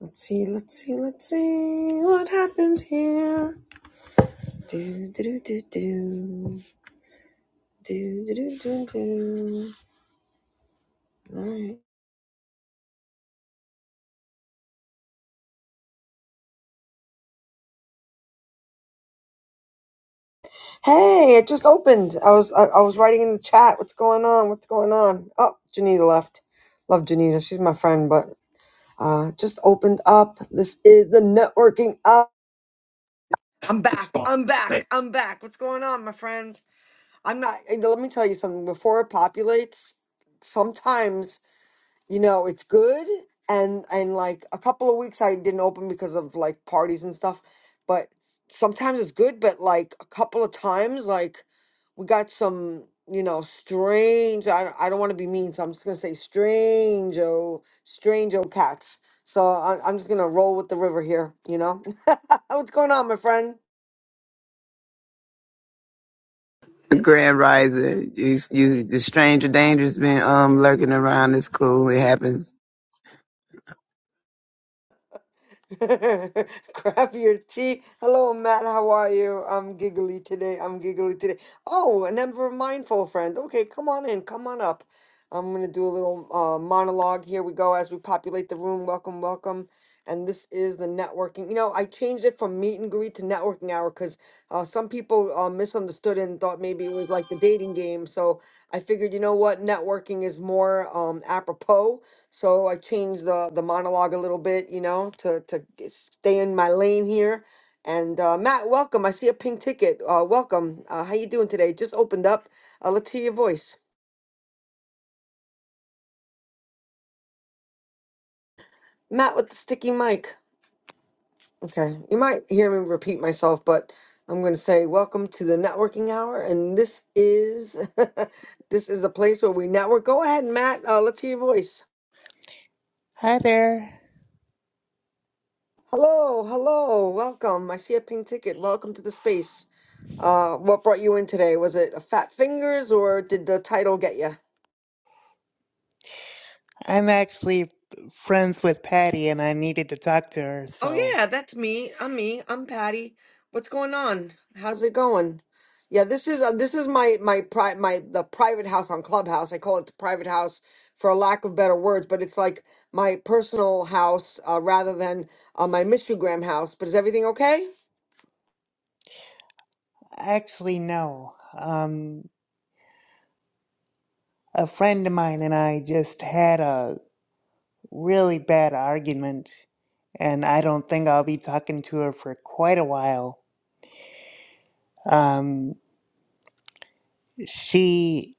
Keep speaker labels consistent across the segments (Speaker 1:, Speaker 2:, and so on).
Speaker 1: Let's see, let's see, let's see what happens here. Do do do do do do do do do. Alright. Hey, it just opened. I was I, I was writing in the chat. What's going on? What's going on? Oh, Janita left. Love Janita. She's my friend, but uh just opened up. This is the networking up. I'm back. I'm back. I'm back. What's going on, my friend? I'm not. Let me tell you something. Before it populates, sometimes you know it's good and and like a couple of weeks i didn't open because of like parties and stuff but sometimes it's good but like a couple of times like we got some you know strange i, I don't want to be mean so i'm just gonna say strange oh strange oh cats so I, i'm just gonna roll with the river here you know what's going on my friend
Speaker 2: Grand Rising. You, you, the stranger danger's been um lurking around. It's cool. It happens.
Speaker 1: Grab your tea. Hello, Matt. How are you? I'm giggly today. I'm giggly today. Oh, and never mindful friend. Okay, come on in. Come on up. I'm gonna do a little uh, monologue. Here we go as we populate the room. Welcome, welcome and this is the networking. You know, I changed it from meet and greet to networking hour because uh, some people uh, misunderstood and thought maybe it was like the dating game. So I figured, you know what, networking is more um, apropos. So I changed the the monologue a little bit, you know, to to g- stay in my lane here. And uh, Matt, welcome. I see a pink ticket. Uh, welcome. Uh, how you doing today? Just opened up. Uh, let's hear your voice, Matt, with the sticky mic. Okay, you might hear me repeat myself, but I'm going to say welcome to the networking hour, and this is this is the place where we network. Go ahead, Matt. Uh, let's hear your voice.
Speaker 3: Hi there.
Speaker 1: Hello, hello, welcome. I see a pink ticket. Welcome to the space. Uh, what brought you in today? Was it a fat fingers, or did the title get you?
Speaker 3: I'm actually friends with Patty and I needed to talk to her,
Speaker 1: Oh
Speaker 3: so
Speaker 1: yeah, that's me. I'm me. I'm Patty. What's going on? How's it going? Yeah, this is uh, this is my my pri my the private house on Clubhouse. I call it the private house for a lack of better words, but it's like my personal house uh, rather than uh, my Mister Graham house. But is everything okay?
Speaker 3: actually no. Um a friend of mine and I just had a really bad argument and I don't think I'll be talking to her for quite a while. Um she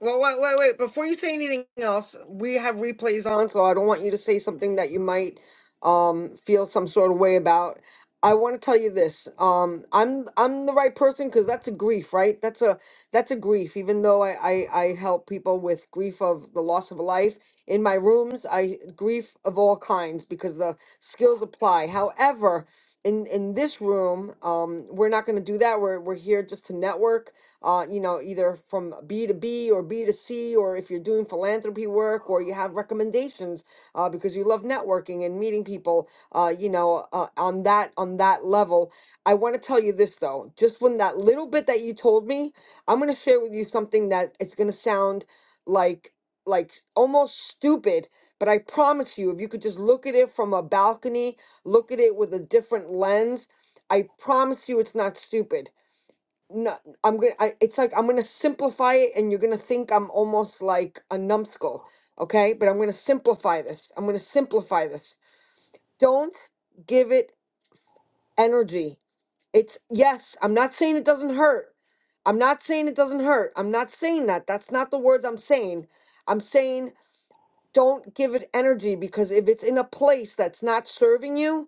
Speaker 1: Well, wait, wait, wait. Before you say anything else, we have replays on, so I don't want you to say something that you might um feel some sort of way about. I want to tell you this. Um, I'm I'm the right person because that's a grief, right? That's a that's a grief. Even though I, I I help people with grief of the loss of a life in my rooms, I grief of all kinds because the skills apply. However, in in this room um we're not going to do that we're we're here just to network uh you know either from b to b or b to c or if you're doing philanthropy work or you have recommendations uh because you love networking and meeting people uh you know uh, on that on that level i want to tell you this though just when that little bit that you told me i'm going to share with you something that it's going to sound like like almost stupid but i promise you if you could just look at it from a balcony look at it with a different lens. I promise you it's not stupid. No, I'm gonna. I, it's like I'm gonna simplify it, and you're gonna think I'm almost like a numbskull, okay? But I'm gonna simplify this. I'm gonna simplify this. Don't give it energy. It's yes. I'm not saying it doesn't hurt. I'm not saying it doesn't hurt. I'm not saying that. That's not the words I'm saying. I'm saying don't give it energy because if it's in a place that's not serving you,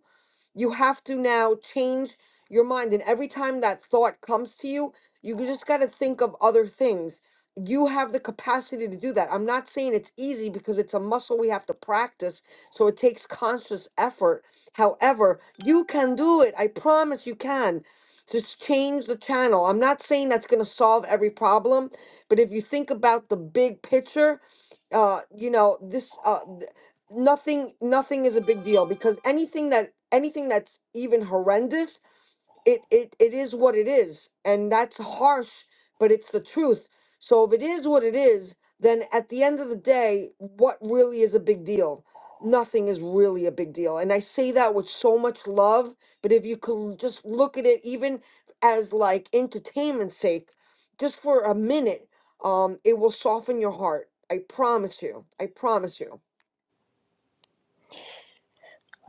Speaker 1: You have to now change your mind. And every time that thought comes to you, you just got to think of other things. You have the capacity to do that. I'm not saying it's easy because it's a muscle we have to practice. So it takes conscious effort. However, you can do it. I promise you can. Just change the channel. I'm not saying that's going to solve every problem, but if you think about the big picture, uh, you know, this. Uh, nothing nothing is a big deal because anything that anything that's even horrendous it it, it is what it is and that's harsh but it's the truth so if it is what it is then at the end of the day what really is a big deal nothing is really a big deal and i say that with so much love but if you could just look at it even as like entertainment sake just for a minute um it will soften your heart i promise you i promise you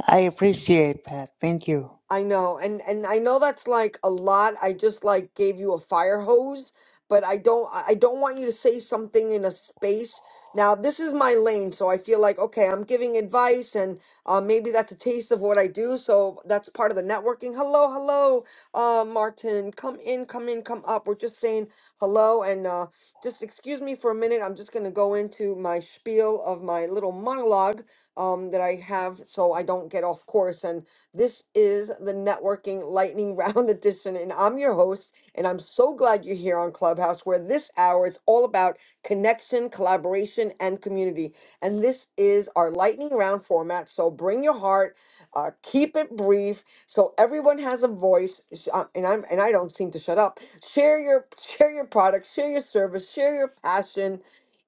Speaker 3: I appreciate that. Thank you.
Speaker 1: I know, and and I know that's like a lot. I just like gave you a fire hose, but I don't I I don't want you to say something in a space. Now, this is my lane, so I feel like okay, I'm giving advice and uh, maybe that's a taste of what I do, so that's part of the networking. Hello, hello uh, Martin. Come in, come in, come up. We're just saying hello and uh, just excuse me for a minute. I'm just going to go into my spiel of my little monologue um, that I have so I don't get off course. And this is the Networking Lightning Round Edition. And I'm your host. And I'm so glad you're here on Clubhouse, where this hour is all about connection, collaboration, and community. And this is our lightning round format. So bring your heart uh, keep it brief so everyone has a voice. Sh- uh, And I'm and I don't seem to shut up. Share your share your product, share your service, share your passion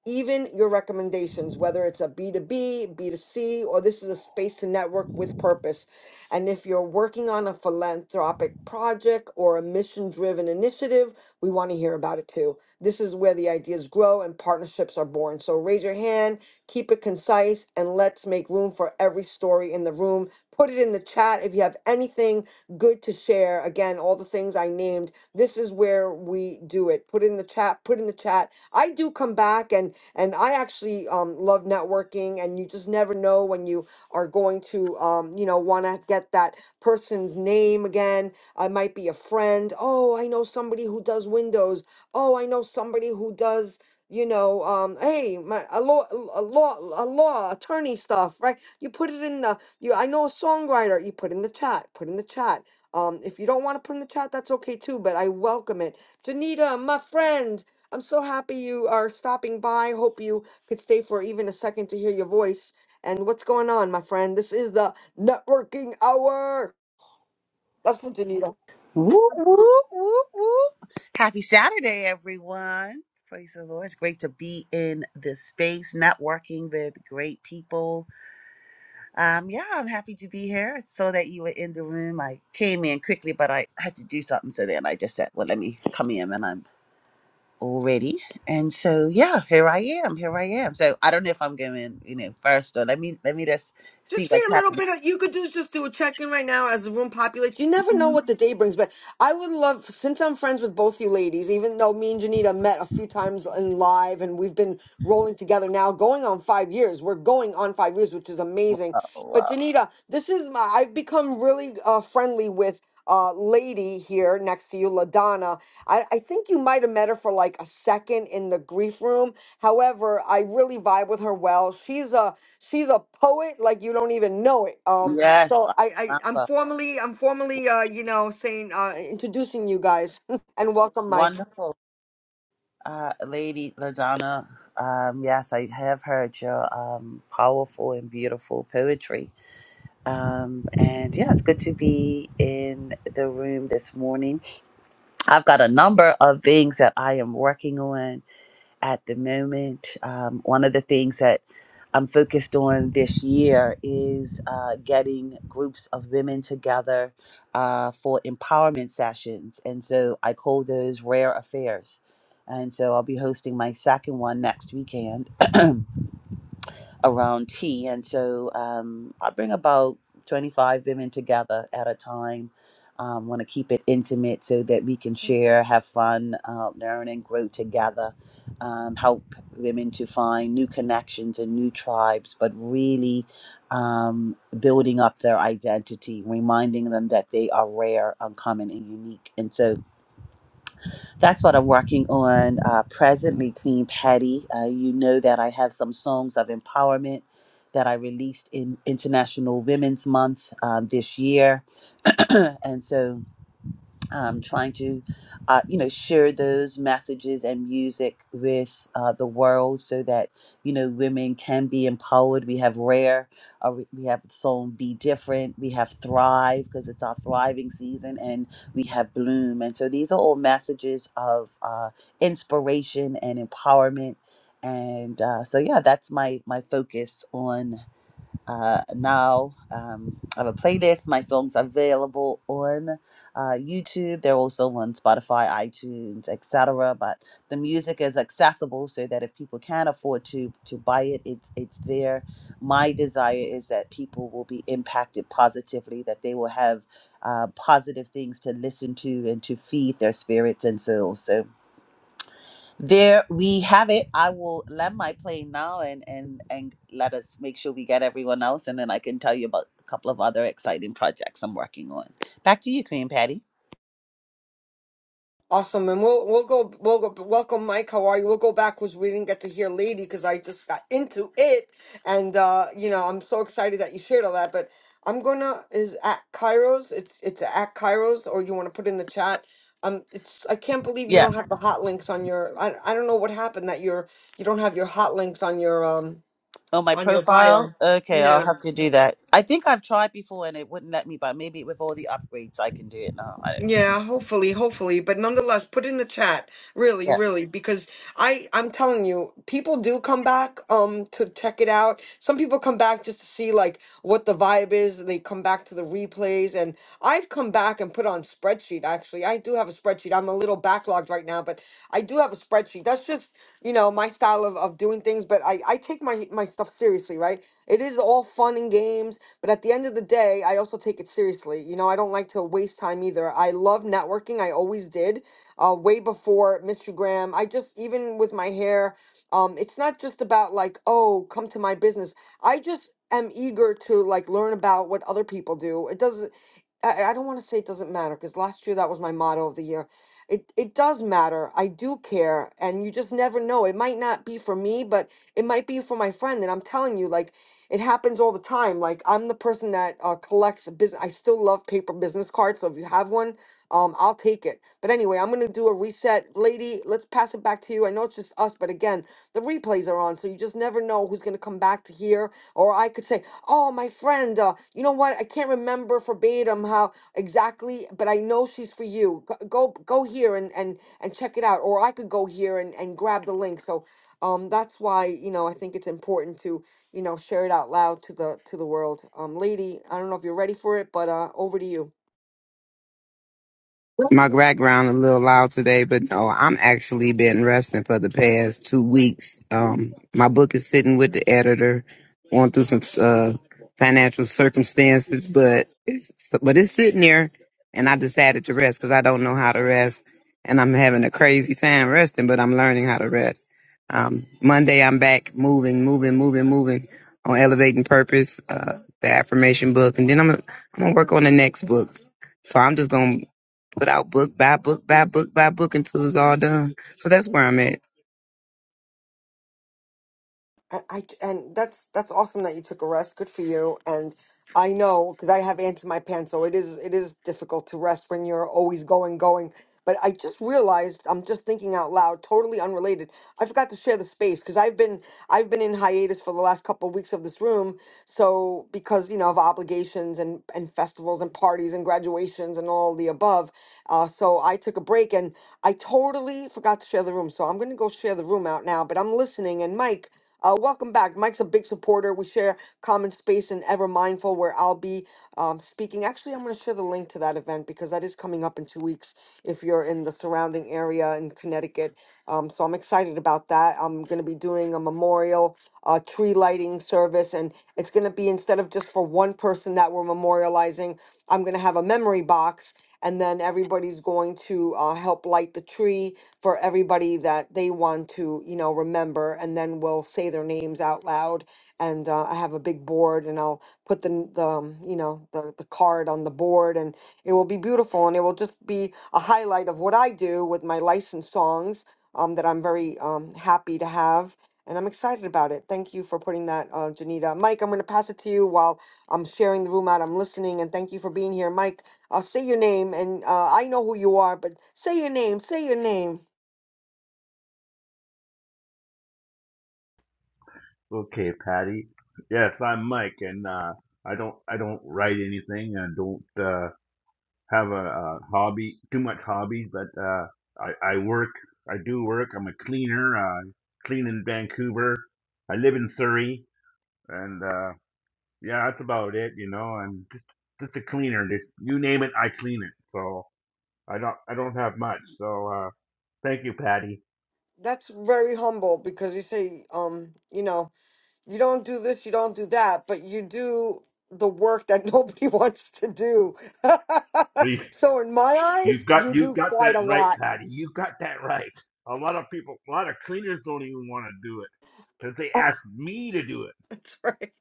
Speaker 1: even your recommendations, whether it's a B2B, B2C, or this is a space to network with purpose. And if you're working on a philanthropic project or a mission driven initiative, we want to hear about it too. This is where the ideas grow and partnerships are born. So raise your hand, keep it concise, and let's make room for every story in the room. Put it in the chat if you have anything good to share. Again, all the things I named, this is where we we do it. Put in the chat, put in the chat. I do come back and and I actually um love networking and you just never know when you are going to um you know want to get that person's name again. I might be a friend. Oh, I know somebody who does windows. Oh, I know somebody who does you know, um, hey, my a law, a law, a law attorney stuff, right? You put it in the you. I know a songwriter. You put in the chat. Put in the chat. Um, if you don't want to put in the chat, that's okay too. But I welcome it Janita, my friend, I'm so happy you are stopping by. Hope you could stay for even a second to hear your voice. And what's going on, my friend? This is the networking hour. That's from Janita.
Speaker 4: Whoop, whoop, whoop, whoop. Happy Saturday, everyone. Praise the Lord. It's great to be in this space, networking with great people. Um, yeah, I'm happy to be here. So that you were in the room. I came in quickly, but I had to do something. So then I just said, well, let me come in and I'm all ready. And so yeah, here I am. Here I am. So I don't know if I'm going, you know, first or let me let me just see
Speaker 1: Just see
Speaker 4: what's
Speaker 1: a little
Speaker 4: happening.
Speaker 1: bit of you could do is just do a check in right now as the room populates. You never know what the day brings, but I would love since I'm friends with both you ladies, even though me and Janita met a few times in live and we've been rolling together now going on five years. We're going on five years, which is amazing.
Speaker 4: Oh
Speaker 1: But
Speaker 4: wow.
Speaker 1: Janita, this is my I've become really uh, friendly with uh lady here next to you, Ladonna. I, I think you might have met her for like a second in the grief room. However, I really vibe with her well. She's a She's a poet like you don't even know it. Um,
Speaker 4: Yes,
Speaker 1: so
Speaker 4: I
Speaker 1: I, I I'm
Speaker 4: remember.
Speaker 1: formally I'm formally uh you know saying uh introducing you guys and welcome Mike.
Speaker 4: Wonderful. Uh, Lady Ladonna, um, yes, I have heard your um, powerful and beautiful poetry. Um, and yeah, it's good to be in the room this morning. I've got a number of things that I am working on at the moment. Um, one of the things that I'm focused on this year is uh, getting groups of women together uh, for empowerment sessions. And so I call those rare affairs. And so I'll be hosting my second one next weekend. around tea. And so um, I bring about 25 women together at a time. Um, want to keep it intimate so that we can share, have fun, uh, learn, and grow together. Um, help women to find new connections and new tribes, but really um, building up their identity, reminding them that they are rare, uncommon, and unique. And so that's what I'm working on uh, presently, Queen Patty. Uh, you know that I have some songs of empowerment that I released in International Women's Month uh, this year. and so um, trying to, uh, you know, share those messages and music with uh, the world so that, you know, women can be empowered. We have Rare, uh, we we have the song Be Different, we have Thrive because it's our thriving season, and we have Bloom. And so these are all messages of uh, inspiration and empowerment. And uh, so, yeah, that's my my focus on uh, now um, I have a playlist. My songs are available on uh, YouTube. They're also on Spotify, iTunes, etc. But the music is accessible so that if people can't afford to to buy it, it's it's there. My desire is that people will be impacted positively, that they will have uh, positive things to listen to and to feed their spirits and souls. So there we have it. I will land my plane now and and and let us make sure we get everyone else, and then I can tell you about a couple of other exciting projects I'm working on. Back to you, Queen Patty.
Speaker 1: Awesome, and we'll we'll go we'll go welcome Mike. How are you? We'll go backwards. We didn't get to hear Lady because I just got into it, and uh, you know I'm so excited that you shared all that. But I'm gonna is at Kairos. It's it's at Kairos, or you want to put in the chat. Um, it's I can't believe you
Speaker 4: Yeah.
Speaker 1: don't have the hot links on your. I I don't know what happened that you're you don't have your hot links on your um
Speaker 4: On my
Speaker 1: on your
Speaker 4: profile.
Speaker 1: bio.
Speaker 4: Okay, I'll
Speaker 1: Yeah.
Speaker 4: have to do that. I think I've tried before and it wouldn't let me, but maybe with all the upgrades I can do it now. I don't know.
Speaker 1: Yeah, hopefully, hopefully, but nonetheless, put in the chat. Really,
Speaker 4: Yeah.
Speaker 1: really because I I'm telling you, people do come back um to check it out. Some people come back just to see like what the vibe is. They come back to the replays and I've come back and put on spreadsheet actually. I do have a spreadsheet. I'm a little backlogged right now, but I do have a spreadsheet. That's just you know my style of, of doing things but I, I take my my stuff seriously right it is all fun and games but at the end of the day i also take it seriously you know i don't like to waste time either i love networking i always did uh, way before mr graham i just even with my hair um, it's not just about like oh come to my business i just am eager to like learn about what other people do it doesn't i, I don't want to say it doesn't matter because last year that was my motto of the year it it does matter. I do care, and you just never know. It might not be for me, but it might be for my friend. And I'm telling you, like it happens all the time. Like I'm the person that uh, collects business. I still love paper business cards. So if you have one, um, I'll take it. But anyway, I'm gonna do a reset, lady. Let's pass it back to you. I know it's just us, but again, the replays are on, so you just never know know who's going to come back to here. Or I could say, oh, my friend, uh, you know what? I can't remember verbatim how exactly, but I know she's for you. Go go, go here and, and, and check it out. Or I could go here and, and grab the link. So um, that's why, you know, I think it's important to, you know, share it out loud to the to the world. Um, lady, I don't know if you're ready for it, but uh, over to you.
Speaker 2: My background a little loud today, but no, I'm actually been resting for the past two weeks. Um, my book is sitting with the editor, going through some uh, financial circumstances, but it's so, but it's sitting there, and I decided to rest because I don't know how to rest, and I'm having a crazy time resting, but I'm learning how to rest. Um, Monday, I'm back moving, moving, moving, moving on elevating purpose, uh, the affirmation book, and then I'm gonna, I'm gonna work on the next book. So I'm just gonna put out book by book by book by book until it's all done. So that's where I'm at.
Speaker 1: And I and that's that's awesome that you took a rest. Good for you. And I know because I have ants in my pants, so it is it is difficult to rest when you're always going going. But I just realized I'm just thinking out loud, totally unrelated. I forgot to share the space because I've been I've been in hiatus for the last couple of weeks of this room. So because you know of obligations and and festivals and parties and graduations and all the above, uh, so I took a break and I totally forgot to share the room. So I'm gonna go share the room out now. But I'm listening and Mike. Uh, welcome back. Mike's a big supporter. We share common space and Ever Mindful, where I'll be um, speaking. Actually, I'm going to share the link to that event because that is coming up in two weeks if you're in the surrounding area in Connecticut. Um, so I'm excited about that. I'm going to be doing a memorial uh, tree lighting service, and it's going to be instead of just for one person that we're memorializing, I'm going to have a memory box and then everybody's going to uh, help light the tree for everybody that they want to, you know, remember. And then we'll say their names out loud. And uh, I have a big board, and I'll put the n- the um, you know the the card on the board, and it will be beautiful, and it will just be a highlight of what I do with my licensed songs um, that I'm very um, happy to have. And I'm excited about it. Thank you for putting that, uh, Janita. Mike, I'm going to pass it to you while I'm sharing the room out. I'm listening, and thank you for being here, Mike. I'll say your name, and uh, I know who you are, but say your name, say your name.
Speaker 5: Okay, Patty. Yes, I'm Mike, and uh, I don't I don't write anything. I don't uh, have a, uh hobby, too much hobbies, but uh, I I work. I do work. I'm a cleaner. I clean in Vancouver. I live in Surrey, and uh, yeah, that's about it. You know, I'm just just a cleaner. Just you name it, I clean it. So I don't I don't have much. So uh, thank you, Patty.
Speaker 1: That's very humble because you say, um, you know, you don't do this, you don't do that, but you do the work that nobody wants to do.
Speaker 5: We
Speaker 1: so in my
Speaker 5: You
Speaker 1: eyes,
Speaker 5: got
Speaker 1: you
Speaker 5: you
Speaker 1: do
Speaker 5: got
Speaker 1: quite
Speaker 5: that
Speaker 1: a
Speaker 5: right,
Speaker 1: lot.
Speaker 5: Patty. You got that right. A lot of people, a lot of cleaners don't even want to do it because they ask me to do it.
Speaker 1: That's right.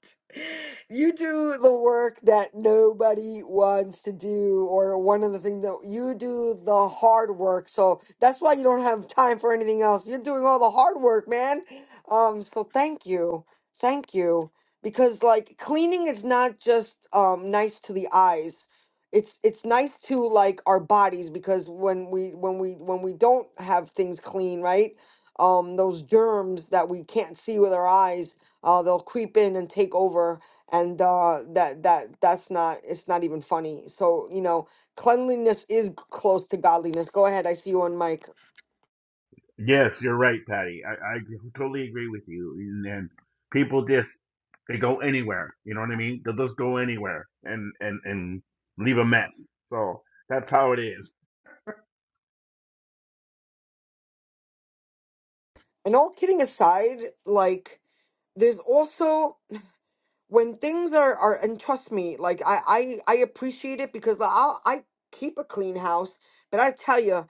Speaker 1: You do the work that nobody wants to do, or one of the things that you do the hard work. So that's why you don't have time for anything else. You're doing all the hard work, man. Um, so thank you. Thank you. Because like cleaning is not just um nice to the eyes. It's it's nice to like our bodies because when we when we when we don't have things clean, right? Um, those germs that we can't see with our eyes uh, they'll creep in and take over and uh, that that that's not it's not even funny so you know cleanliness is g- close to godliness go ahead i see you on mic
Speaker 5: Yes, you're right, Patty. I, I totally agree with you. And, and people just they go anywhere. You know what I mean? They'll just go anywhere and and and leave a mess. So that's how it is.
Speaker 1: and all kidding aside like there's also when things are are and trust me like i i, I appreciate it because i i keep a clean house but i tell you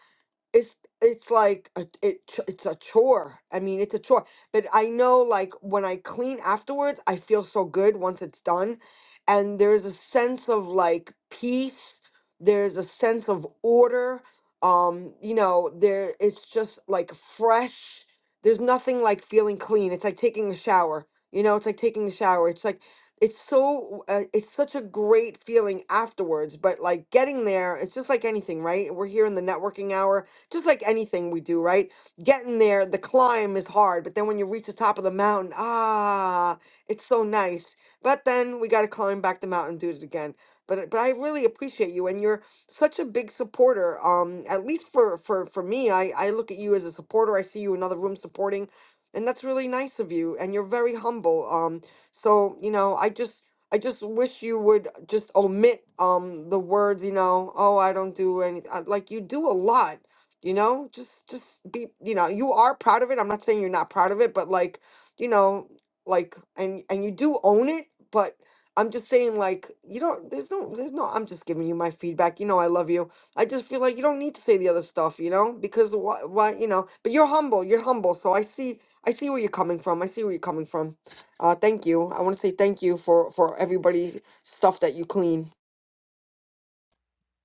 Speaker 1: it's it's like a, it ch- it's a chore. I mean, it's a chore. But I know like when I clean afterwards, I feel so good once it's done, and there's a sense of like peace. There's a sense of order. Um, you know, there it's just like fresh. There's nothing like feeling clean. It's like taking a shower. You know, it's like taking a shower. It's like it's so uh, it's such a great feeling afterwards but like getting there it's just like anything right we're here in the networking hour just like anything we do, right? Getting there, the climb is hard, but then when you reach the top of the mountain, ah, it's so nice. But then we got to climb back the mountain and do it again. But but I really appreciate you, and you're such a big supporter. Um, at least for for for me, I I look at you as a supporter. I see you in other rooms supporting, and that's really nice of you. And you're very humble. Um, so you know, I just I just wish you would just omit um the words, you know, oh, I don't do anything. Like you do a lot you know just just be you know you are proud of it i'm not saying you're not proud of it but like you know like and and you do own it but i'm just saying like you don't there's no there's no i'm just giving you my feedback you know i love you i just feel like you don't need to say the other stuff you know because why, why you know but you're humble you're humble so i see i see where you're coming from i see where you're coming from uh thank you i want to say thank you for for everybody stuff that you clean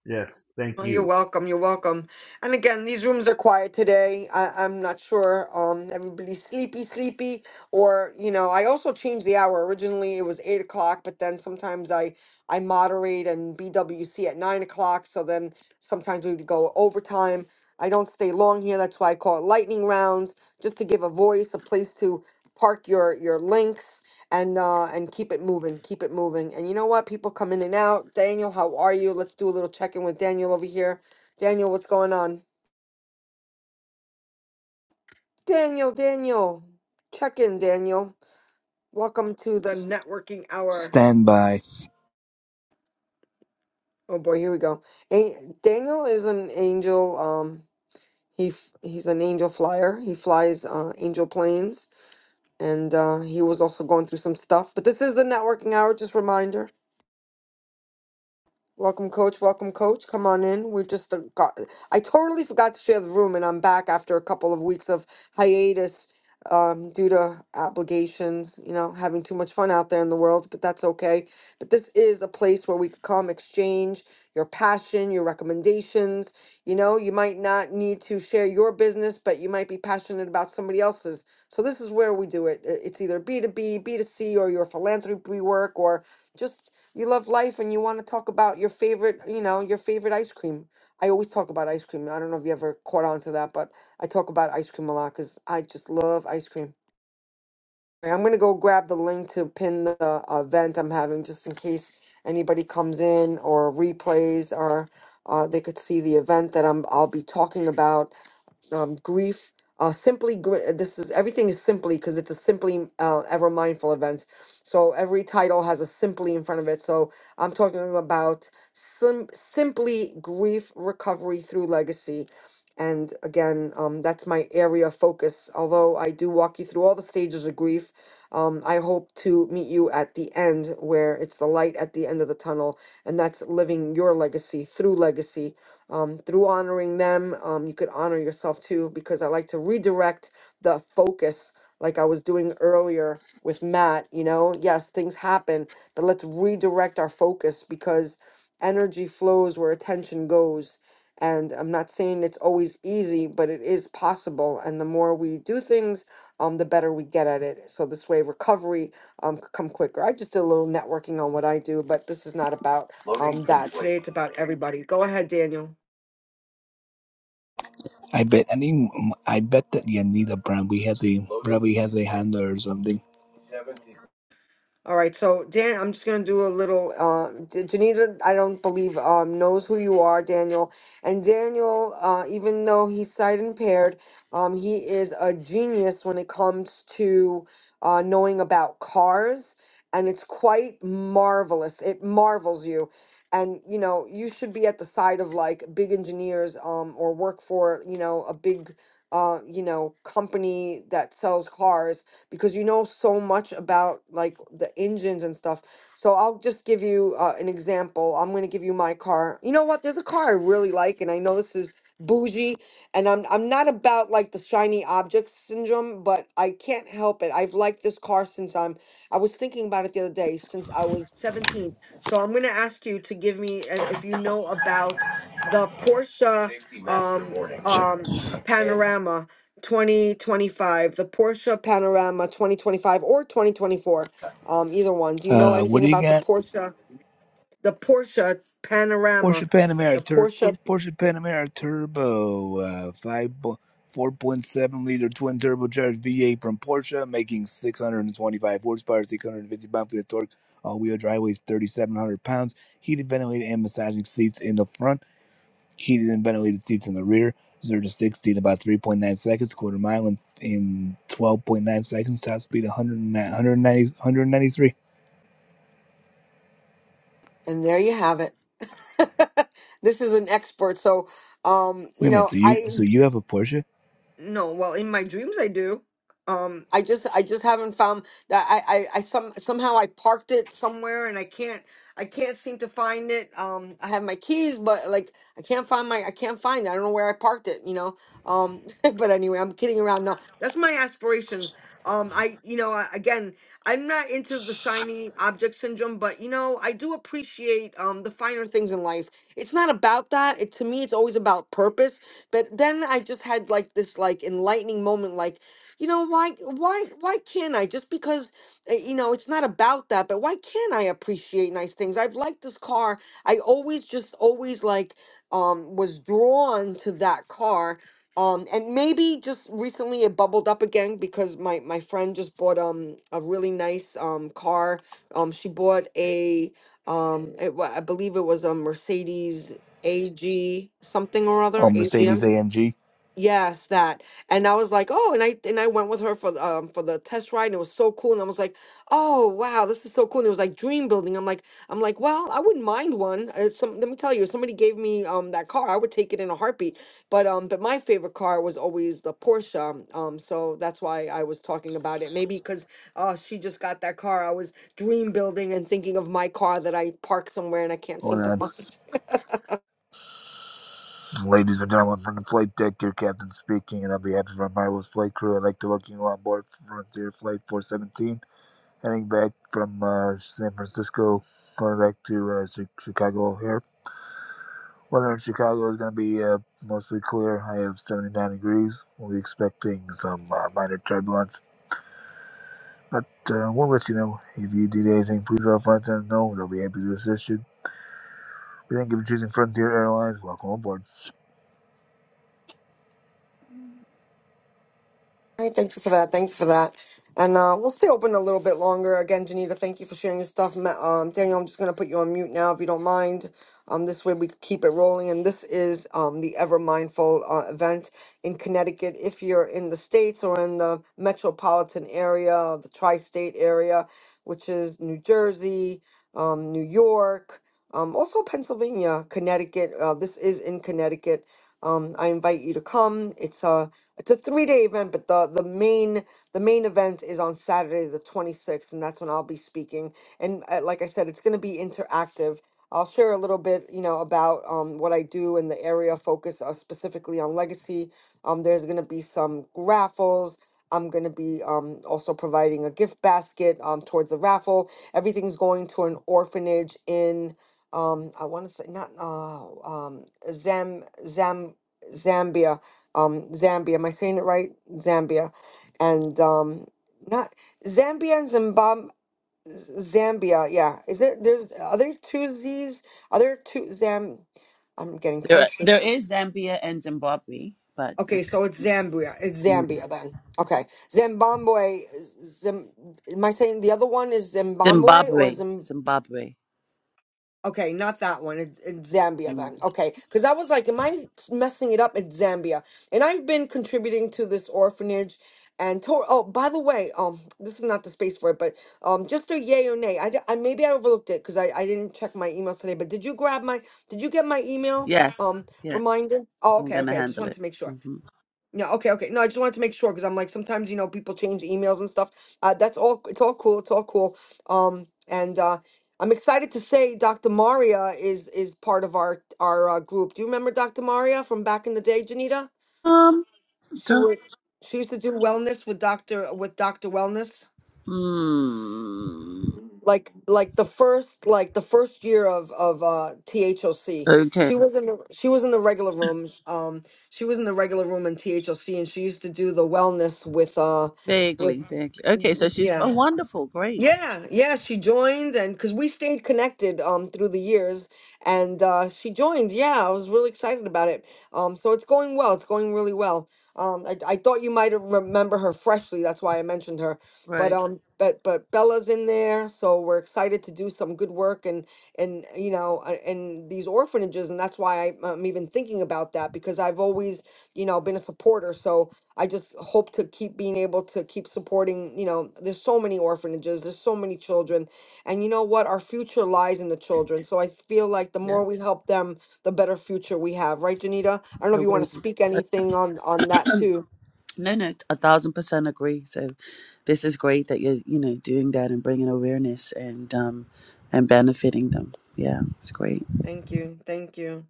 Speaker 5: Yes,
Speaker 1: Oh,
Speaker 5: thank
Speaker 1: you're
Speaker 5: you.
Speaker 1: welcome. You're welcome. And again, these rooms are quiet today. I, I'm not sure. Um, everybody's sleepy, sleepy, or you know. I also changed the hour. Originally, it was eight o'clock, but then sometimes I I moderate and BWC at nine o'clock. So then sometimes we would go overtime. I don't stay long here. That's why I call it lightning rounds, just to give a voice, a place to park your your links and uh and keep it moving keep it moving and you know what people come in and out daniel how are you let's do a little check-in with daniel over here daniel what's going on daniel daniel check in daniel welcome to the networking hour
Speaker 6: Stand by.
Speaker 1: oh boy here we go A daniel is an angel um he f- he's an angel flyer he flies uh angel planes and uh he was also going through some stuff but this is the networking hour just reminder Welcome, coach. Welcome, coach. Come on in. We just uh, got. I totally forgot to share the room, and I'm back after a couple of weeks of hiatus um, due to obligations, you know, having too much fun out there in the world, but that's okay. But this is a place where we can come exchange your passion, your recommendations. You know, you might not need to share your business, but you might be passionate about somebody else's. So this is where we do it. I- It's either B2B, B2C, or your philanthropy work, or just you love life and you want to talk about your favorite, you know, your favorite ice cream. I always talk about ice cream. I don't know if you ever caught on to that, but I talk about ice cream a lot because I just love ice cream. Right, I'm going to go grab the link to pin the uh, event I'm having just in case anybody comes in or replays or uh, they could see the event that I'm, I'll be talking about um, grief. Uh, simply, gr- this is everything is simply because it's a simply uh, ever mindful event. So every title has a simply in front of it. So I'm talking about sim- simply grief recovery through legacy. And again, um, that's my area of focus. Although I do walk you through all the stages of grief, um, I hope to meet you at the end where it's the light at the end of the tunnel, and that's living your legacy through legacy um, through honoring them, um, you could honor yourself too, because I like to redirect the focus, like I was doing earlier with Matt. You know, yes, things happen, but let's redirect our focus because energy flows where attention goes. And I'm not saying it's always easy, but it is possible. And the more we do things, um, the better we get at it. So this way, recovery um, could come quicker. I just did a little networking on what I do, but this is not about um, that. Today, it's about everybody. Go ahead, Daniel.
Speaker 6: I bet I think I bet that Yanida probably has a probably has a Honda or something.
Speaker 1: All right, so Dan, I'm just gonna do a little. Uh, J- Janita, I don't believe um knows who you are, Daniel. And Daniel, uh, even though he's sight impaired, um, he is a genius when it comes to uh, knowing about cars, and it's quite marvelous. It marvels you, and you know you should be at the side of like big engineers, um, or work for you know a big, uh, you know company that sells cars because you know so much about like the engines and stuff. So I'll just give you uh, an example. I'm gonna give you my car. You know what? There's a car I really like, and I know this is bougie, and I'm I'm not about like the shiny object syndrome, but I can't help it. I've liked this car since I'm. I was thinking about it the other day since I was 17. So I'm gonna ask you to give me if, if you know about the Porsche um um Panorama 2025, the Porsche Panorama 2025 or 2024, um, either one. Do you know
Speaker 6: Uh, what
Speaker 1: anything
Speaker 6: do you
Speaker 1: about the
Speaker 6: got?
Speaker 1: Porsche, the Porsche Panorama,
Speaker 6: Porsche
Speaker 1: the
Speaker 6: Panamera Tur
Speaker 1: Porsche?
Speaker 6: Porsche Panamera Turbo, uh, five four point seven liter twin turbocharged V eight from Porsche, making six hundred and twenty five horsepower, six hundred and fifty pound feet of torque. All wheel drive weighs thirty seven hundred pounds. Heated, ventilated, and massaging seats in the front. Heated and ventilated seats in the rear, 0 to 60 in about 3.9 seconds, quarter mile in, in 12.9 seconds, top speed 109, 193.
Speaker 1: And there you have it. this is an expert. So, um,
Speaker 6: Wait a
Speaker 1: you
Speaker 6: minute,
Speaker 1: know,
Speaker 6: so you
Speaker 1: I
Speaker 6: so you have a Porsche?
Speaker 1: No, well, in my dreams I do. Um, I just I just haven't found that I, I I some somehow I parked it somewhere and I can't I can't seem to find it. Um, I have my keys, but like I can't find my I can't find it. I don't know where I parked it, you know. Um, but anyway, I'm kidding around. No, that's my aspirations. Um, I you know I- again I'm not into the shiny object syndrome, but you know I do appreciate um the finer things in life. It's not about that. It to me it's always about purpose but then I just had like this like enlightening moment like, you know, why why why can't I just because uh, you know, it's not about that, but why can't I appreciate nice things? I've liked this car. I always just always like um was drawn to that car. Um, and maybe just recently it bubbled up again because my, my friend just bought um a really nice um car. Um, she bought a um it, wa- I believe it was a Mercedes AG something or other
Speaker 6: Oh,
Speaker 1: AGM.
Speaker 6: Mercedes AMG.
Speaker 1: Yes, that. And I was like, oh, and I and I went with her for the um for the test ride and it was so cool. And I was like, oh wow, this is so cool. And it was like dream building. I'm like, I'm like, well, I wouldn't mind one. Uh, some let me tell you, if somebody gave me um that car, I would take it in a heartbeat. But um, but my favorite car was always the Porsche. Um, so that's why I was talking about it. Maybe because uh she just got that car. I was dream building and thinking of my car that I parked somewhere and I can't
Speaker 6: Hold
Speaker 1: seem to
Speaker 6: on.
Speaker 1: find.
Speaker 6: Ladies and gentlemen, from the flight deck, your captain speaking, and on behalf of our marvelous flight crew, I'd like to welcome you on board Frontier Flight 417, heading back from uh, San Francisco, going back to uh, Chicago O'Hare. Weather in Chicago is going to be uh, mostly clear, high of 79 degrees. We'll be expecting some uh, minor turbulence, but uh, we'll let you know. If you need anything, please let us know. They'll be happy to assist you. We thank you for choosing Frontier Airlines. Welcome aboard.
Speaker 1: Hey, thank you for that. Thank you for that. And uh, we'll stay open a little bit longer. Again, Janita, thank you for sharing your stuff. Ma- Um, Daniel, I'm just going to put you on mute now if you don't mind. Um, this way we could keep it rolling. And this is um, the Ever Mindful uh, event in Connecticut. If you're in the States or in the metropolitan area, the tri state area, which is New Jersey, um, New York, um, also Pennsylvania, Connecticut, uh, this is in Connecticut. Um, I invite you to come. It's a it's a three day event, but the the main the main event is on Saturday the twenty sixth, and that's when I'll be speaking. And uh, like I said, it's going to be interactive. I'll share a little bit, you know, about um, what I do in the area of focus uh, specifically on legacy. Um, there's going to be some raffles. I'm going to be um, also providing a gift basket um, towards the raffle. Everything's going to an orphanage in, um, I want to say, not uh, um, Zam, Zam, Zambia um, Zambia. Am I saying it right? Zambia, and um, not Zambia and Zimbabwe. Zambia, yeah. Is it? There's are there two Z's? Are there two Zam? I'm getting
Speaker 4: There
Speaker 1: tongue
Speaker 4: there
Speaker 1: twisted.
Speaker 4: is Zambia and Zimbabwe, but
Speaker 1: Okay, so it's Zambia. It's
Speaker 4: Mm.
Speaker 1: Zambia then. Okay, Zimbabwe. Zim, am I saying the other one is Zimbabwe or
Speaker 4: Zimbabwe,
Speaker 1: Zim?
Speaker 4: Zimbabwe.
Speaker 1: Okay, not that one. It's in Zambia
Speaker 4: Mm.
Speaker 1: then. Okay, because I was like, am I messing it up? It's Zambia, and I've been contributing to this orphanage. And to- oh, by the way, um, this is not the space for it, but um, just a yay or nay. I, d- I- maybe I overlooked it because I, I didn't check my emails today. But did you grab my? Did you get my email?
Speaker 4: Yes.
Speaker 1: Um,
Speaker 4: Yeah.
Speaker 1: reminder. Oh,
Speaker 4: I'm
Speaker 1: okay,
Speaker 4: gonna
Speaker 1: okay. I just
Speaker 4: handle
Speaker 1: wanted
Speaker 4: it.
Speaker 1: to make sure.
Speaker 4: hmm
Speaker 1: Yeah, okay, okay. No, I just wanted to make sure because I'm like sometimes you know people change emails and stuff. Uh, that's all. It's all cool. It's all cool. Um, and uh, I'm excited to say Dr. Maria is is part of our our uh, group. Do you remember Dr. Maria from back in the day, Janita?
Speaker 4: Um.
Speaker 1: She would she used to do wellness with Doctor with Doctor Wellness.
Speaker 4: Hmm.
Speaker 1: like like the first like the first year of of uh THOC
Speaker 4: Okay.
Speaker 1: she was in the she was in the regular room um she was in the regular room in THOC and she used to do the wellness with uh with
Speaker 4: Vaguely, vaguely. Okay, so she's
Speaker 1: yeah
Speaker 4: oh, wonderful, great.
Speaker 1: yeah, yeah, she joined and because we stayed connected um through the years and uh she joined. Yeah, I was really excited about it. Um so it's going well. It's going really well. Um I I thought you might have remember her freshly. That's why I mentioned her. But
Speaker 4: Right.
Speaker 1: um but but Bella's in there, so we're excited to do some good work and and you know uh, and these orphanages and that's why I, I'm even thinking about that because I've always, you know, been a supporter. So I just hope to keep being able to keep supporting, you know, there's so many orphanages, there's so many children. And you know what? Our future lies in the children. So I feel like the
Speaker 4: Yeah.
Speaker 1: more we help them, the better future we have, right, Janita? I don't know if you want to
Speaker 4: Agree.
Speaker 1: speak
Speaker 4: Uh,
Speaker 1: anything on on that too.
Speaker 4: no, no, a thousand percent agree. So this is great that you're, you know, doing that and bringing awareness and um and benefiting them. Yeah, it's great.
Speaker 1: Thank you. Thank you.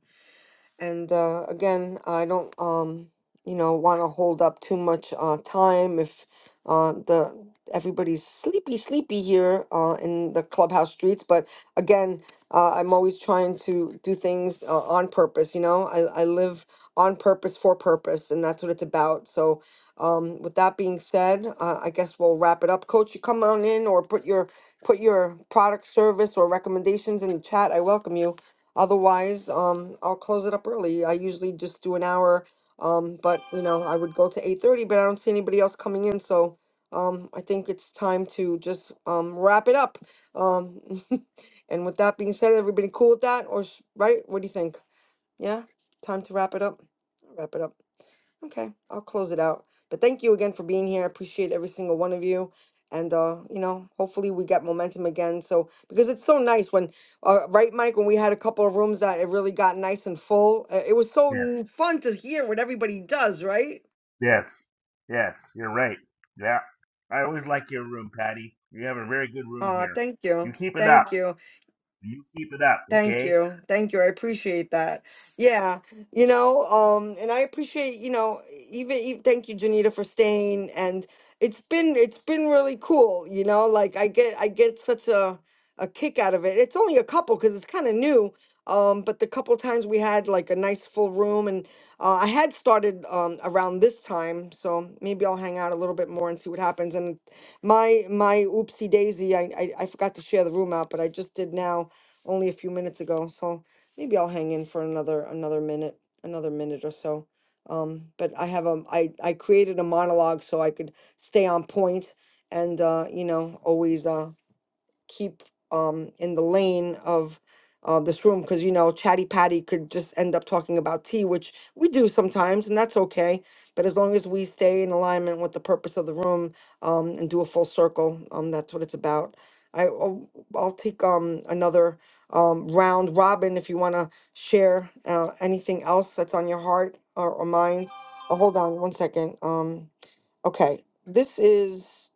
Speaker 1: And uh, again, I don't, um, you know, want to hold up too much uh, time if uh, the everybody's sleepy, sleepy here uh, in the clubhouse streets. But again, uh, I'm always trying to do things uh, on purpose. You know, I, I live on purpose for purpose, and that's what it's about. So, um, with that being said, uh, I guess we'll wrap it up. Coach, you come on in or put your put your product, service, or recommendations in the chat. I welcome you Otherwise, um, I'll close it up early. I usually just do an hour, um, but you know, I would go to eight thirty, but I don't see anybody else coming in, so um, I think it's time to just um, wrap it up. Um, and with that being said, everybody cool with that, or sh- right? What do you think? Yeah, time to wrap it up. Wrap it up. Okay, I'll close it out. But thank you again for being here. I appreciate every single one of you. And uh, you know, hopefully we get momentum again. So because it's so nice when, uh, right, Mike, when we had a couple of rooms that it really got nice and full. Uh, it was so
Speaker 5: Yes,
Speaker 1: n- fun to hear what everybody does, right?
Speaker 5: yes, yes. You're right. Yeah, I always like your room, Patty. You have a very good room
Speaker 1: Uh,
Speaker 5: here.
Speaker 1: thank
Speaker 5: You
Speaker 1: you,
Speaker 5: keep it up.
Speaker 1: thank you.
Speaker 5: You keep it up,
Speaker 1: Thank
Speaker 5: okay?
Speaker 1: you. Thank you. I appreciate that. Yeah. You know, um, and I appreciate, you know, even, even thank you, Janita, for staying. And it's been it's been really cool, you know, like I get I get such a a kick out of it. It's only a couple because it's kind of new. Um, but the couple times we had like a nice full room and uh, I had started um around this time, so maybe I'll hang out a little bit more and see what happens. And my my oopsie daisy, I I, I forgot to share the room out, but I just did now only a few minutes ago. So maybe I'll hang in for another another minute, another minute or so. Um, but I have a I I created a monologue so I could stay on point and uh, you know always uh, keep um in the lane of uh, this room because you know chatty patty could just end up talking about tea which we do sometimes and that's okay but as long as we stay in alignment with the purpose of the room um, and do a full circle um, that's what it's about I, I'll, I'll take um, another um, round robin if you want to share uh, anything else that's on your heart or, or mind oh, hold on one second um, okay this is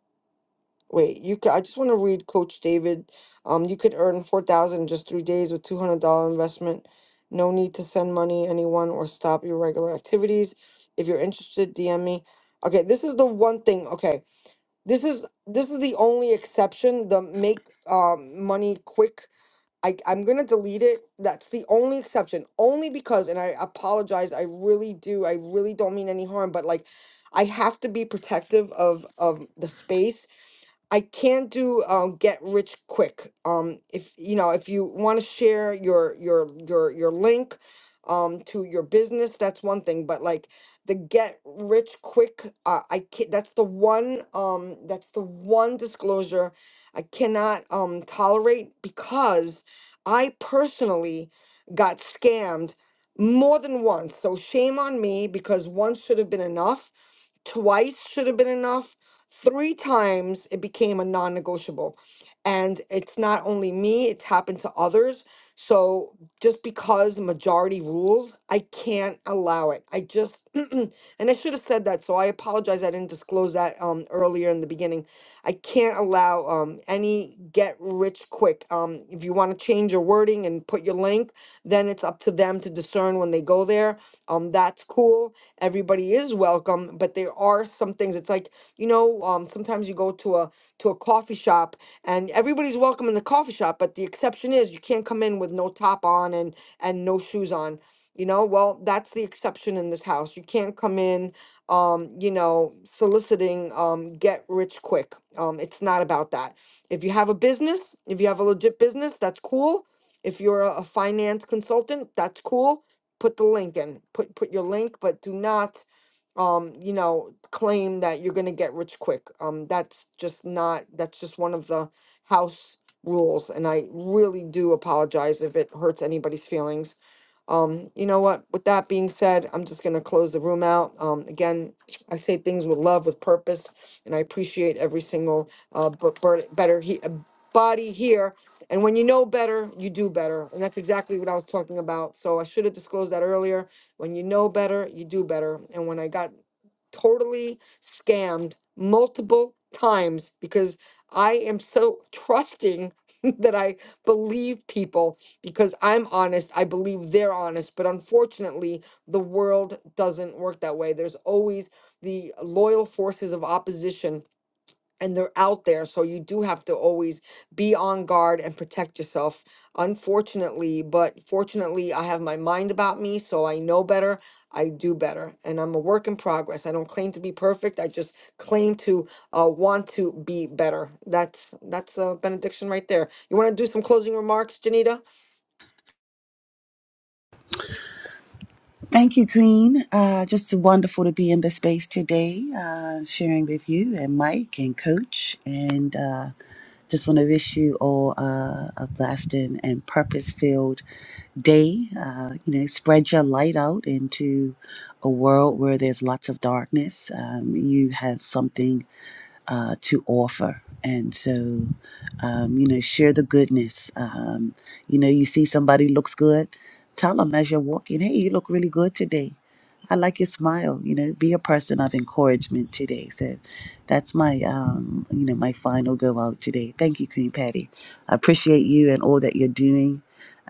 Speaker 1: Wait, you could, I just want to read Coach David. Um, you could earn 4000 in just three days with $200 investment. No need to send money anyone or stop your regular activities. If you're interested, DM me. Okay, this is the one thing. Okay, this is this is the only exception. The make um money quick. I I'm gonna delete it. That's the only exception. Only because, and I apologize. I really do. I really don't mean any harm. But like, I have to be protective of of the space I can do um, get rich quick. Um, if you know, if you want to share your your your your link um, to your business, that's one thing. But like the get rich quick, uh, I can not That's the one. Um, that's the one disclosure I cannot um, tolerate because I personally got scammed more than once. So shame on me because once should have been enough twice should have been enough Three times it became a non negotiable. And it's not only me, it's happened to others. So just because the majority rules, I can't allow it. I just, and I should have said that. So I apologize. I didn't disclose that um, earlier in the beginning. I can't allow um, any get rich quick. Um, if you want to change your wording and put your link, then it's up to them to discern when they go there. Um, that's cool. Everybody is welcome, but there are some things. It's like you know, um, sometimes you go to a to a coffee shop and everybody's welcome in the coffee shop, but the exception is you can't come in with no top on and and no shoes on. You know, well, that's the exception in this house. You can't come in, um, you know, soliciting um, get rich quick. Um, it's not about that. If you have a business, if you have a legit business, that's cool. If you're a a finance consultant, that's cool. Put the link in. Put put your link, but do not um, you know, claim that you're going to get rich quick. Um, that's just not, that's just one of the house rules. And I really do apologize if it hurts anybody's feelings. Um, you know what? With that being said, I'm just going to close the room out. Um, again, I say things with love, with purpose, and I appreciate every single uh, but better he, uh, body here. And when you know better, you do better. And that's exactly what I was talking about. So I should have disclosed that earlier when you know better you do better and when i got totally scammed multiple times because I am so trusting that I believe people because I'm honest. I believe they're honest. But unfortunately, the world doesn't work that way. There's always the loyal forces of opposition and they're out there so you do have to always be on guard and protect yourself unfortunately but fortunately i have my mind about me so i know better i do better and i'm a work in progress i don't claim to be perfect i just claim to uh, want to be better that's that's a benediction right there you want to do some closing remarks janita
Speaker 4: Thank you, Queen. Uh, just wonderful to be in the space today, uh, sharing with you and Mike and Coach. And uh, just want to wish you all uh, a blasting and purpose filled day. Uh, you know, spread your light out into a world where there's lots of darkness. Um, you have something uh, to offer. And so, um, you know, share the goodness. Um, you know, you see somebody looks good, tell them as you're walking, hey, you look really good today. I like your smile. You know, be a person of encouragement today. So that's my, um, you know, my final go out today. Thank you, Queen Patty. I appreciate you and all that you're doing.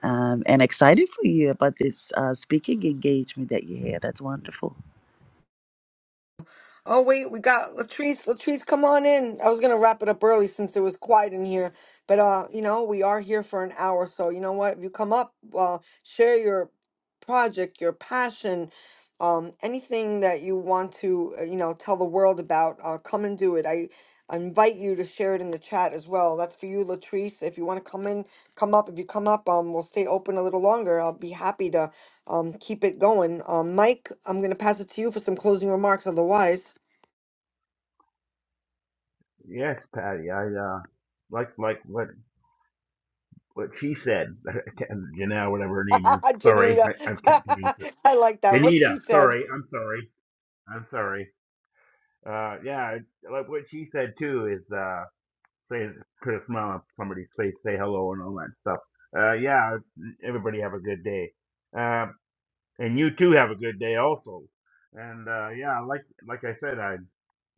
Speaker 4: Um, and excited for you about this uh, speaking engagement that you had. That's wonderful.
Speaker 1: Oh wait, we got Latrice. Latrice, come on in. I was gonna wrap it up early since it was quiet in here, but uh, you know, we are here for an hour, so you know what? If you come up, uh, share your project, your passion, um, anything that you want to, uh, you know, tell the world about. Uh, come and do it. I, I invite you to share it in the chat as well. That's for you, Latrice. If you want to come in, come up. If you come up, um, we'll stay open a little longer. I'll be happy to um keep it going. Um, Mike, I'm gonna pass it to you for some closing remarks. Otherwise.
Speaker 5: Yes, Patty. I uh like like what what she said. Janelle, whatever her name is. Sorry, I,
Speaker 1: Janita.
Speaker 5: I can't pronounce it.
Speaker 1: I like that. What
Speaker 5: Danita.
Speaker 1: she said.
Speaker 5: Sorry, I'm sorry. I'm sorry. Uh, yeah, like what she said too is uh say put a smile on somebody's face, say hello, and all that stuff. Uh, yeah. Everybody have a good day. Uh. and you too have a good day also. And uh, yeah, like like I said I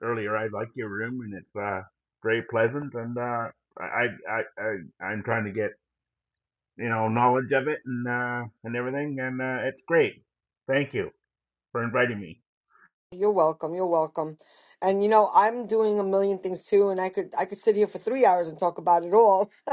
Speaker 5: earlier, I like your room and it's uh, very pleasant. And uh, I, I I I'm trying to get you know knowledge of it and uh, and everything, and uh, it's great. Thank you for inviting me.
Speaker 1: You're welcome. You're welcome. And you know, I'm doing a million things too, and I could I could sit here for three hours and talk about it all.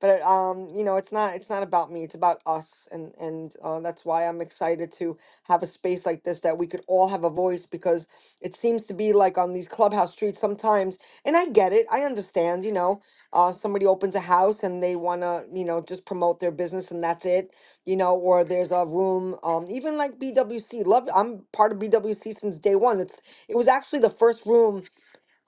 Speaker 1: but um, you know, it's not it's not about me. It's about us, and and uh, that's why I'm excited to have a space like this that we could all have a voice because it seems to be like on these clubhouse streets sometimes. And I get it. I understand. You know, uh, somebody opens a house and they want to you know just promote their business and that's it you know, or there's a room, um, even like BWC. Love, I'm part of BWC since day one. It's it was actually the first room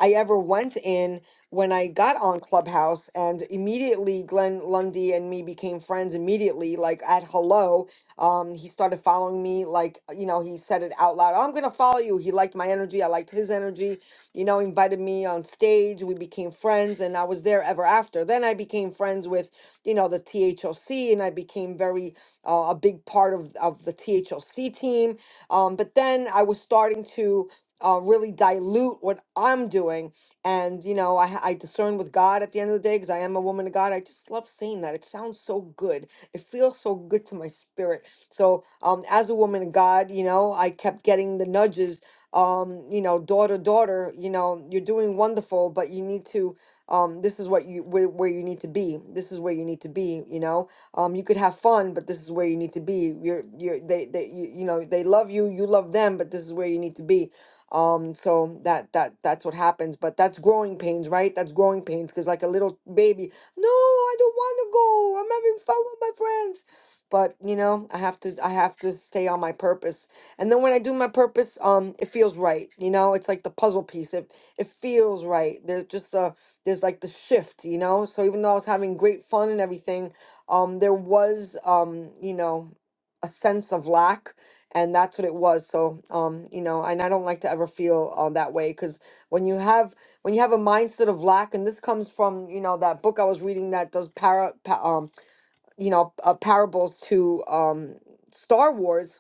Speaker 1: I ever went in when I got on Clubhouse, and immediately Glenn Lundy and me became friends immediately. Like at hello, um, he started following me. Like you know, he said it out loud. "Oh, I'm gonna follow you. He liked my energy. I liked his energy. You know, invited me on stage. We became friends, and I was there ever after. Then I became friends with you know the THOC, and I became very uh, a big part of of the THOC team. Um, but then I was starting to uh, really dilute what I'm doing. And, you know, I, I discern with God at the end of the day because I am a woman of God. I just love saying that. It sounds so good. It feels so good to my spirit. So, um, as a woman of God, you know, I kept getting the nudges, um, you know, daughter, daughter, you know, you're doing wonderful, but you need to, um, this is what you, where, where you need to be. This is where you need to be, you know, um, you could have fun, but this is where you need to be. You're, you're, they, they, you, you know, they love you, you love them, but this is where you need to be um, so that that that's what happens. But that's growing pains, right? That's growing pains because like a little baby, no, I don't want to go. I'm having fun with my friends. But you know, I have to I have to stay on my purpose. And then when I do my purpose, um, it feels right. You know, it's like the puzzle piece. It it feels right. There's just a there's like the shift, you know. So even though I was having great fun and everything, um, there was um, you know, a sense of lack and that's what it was so um you know and i don't like to ever feel um that way because when you have when you have a mindset of lack and this comes from you know that book i was reading that does para pa, um you know uh, parables to um star wars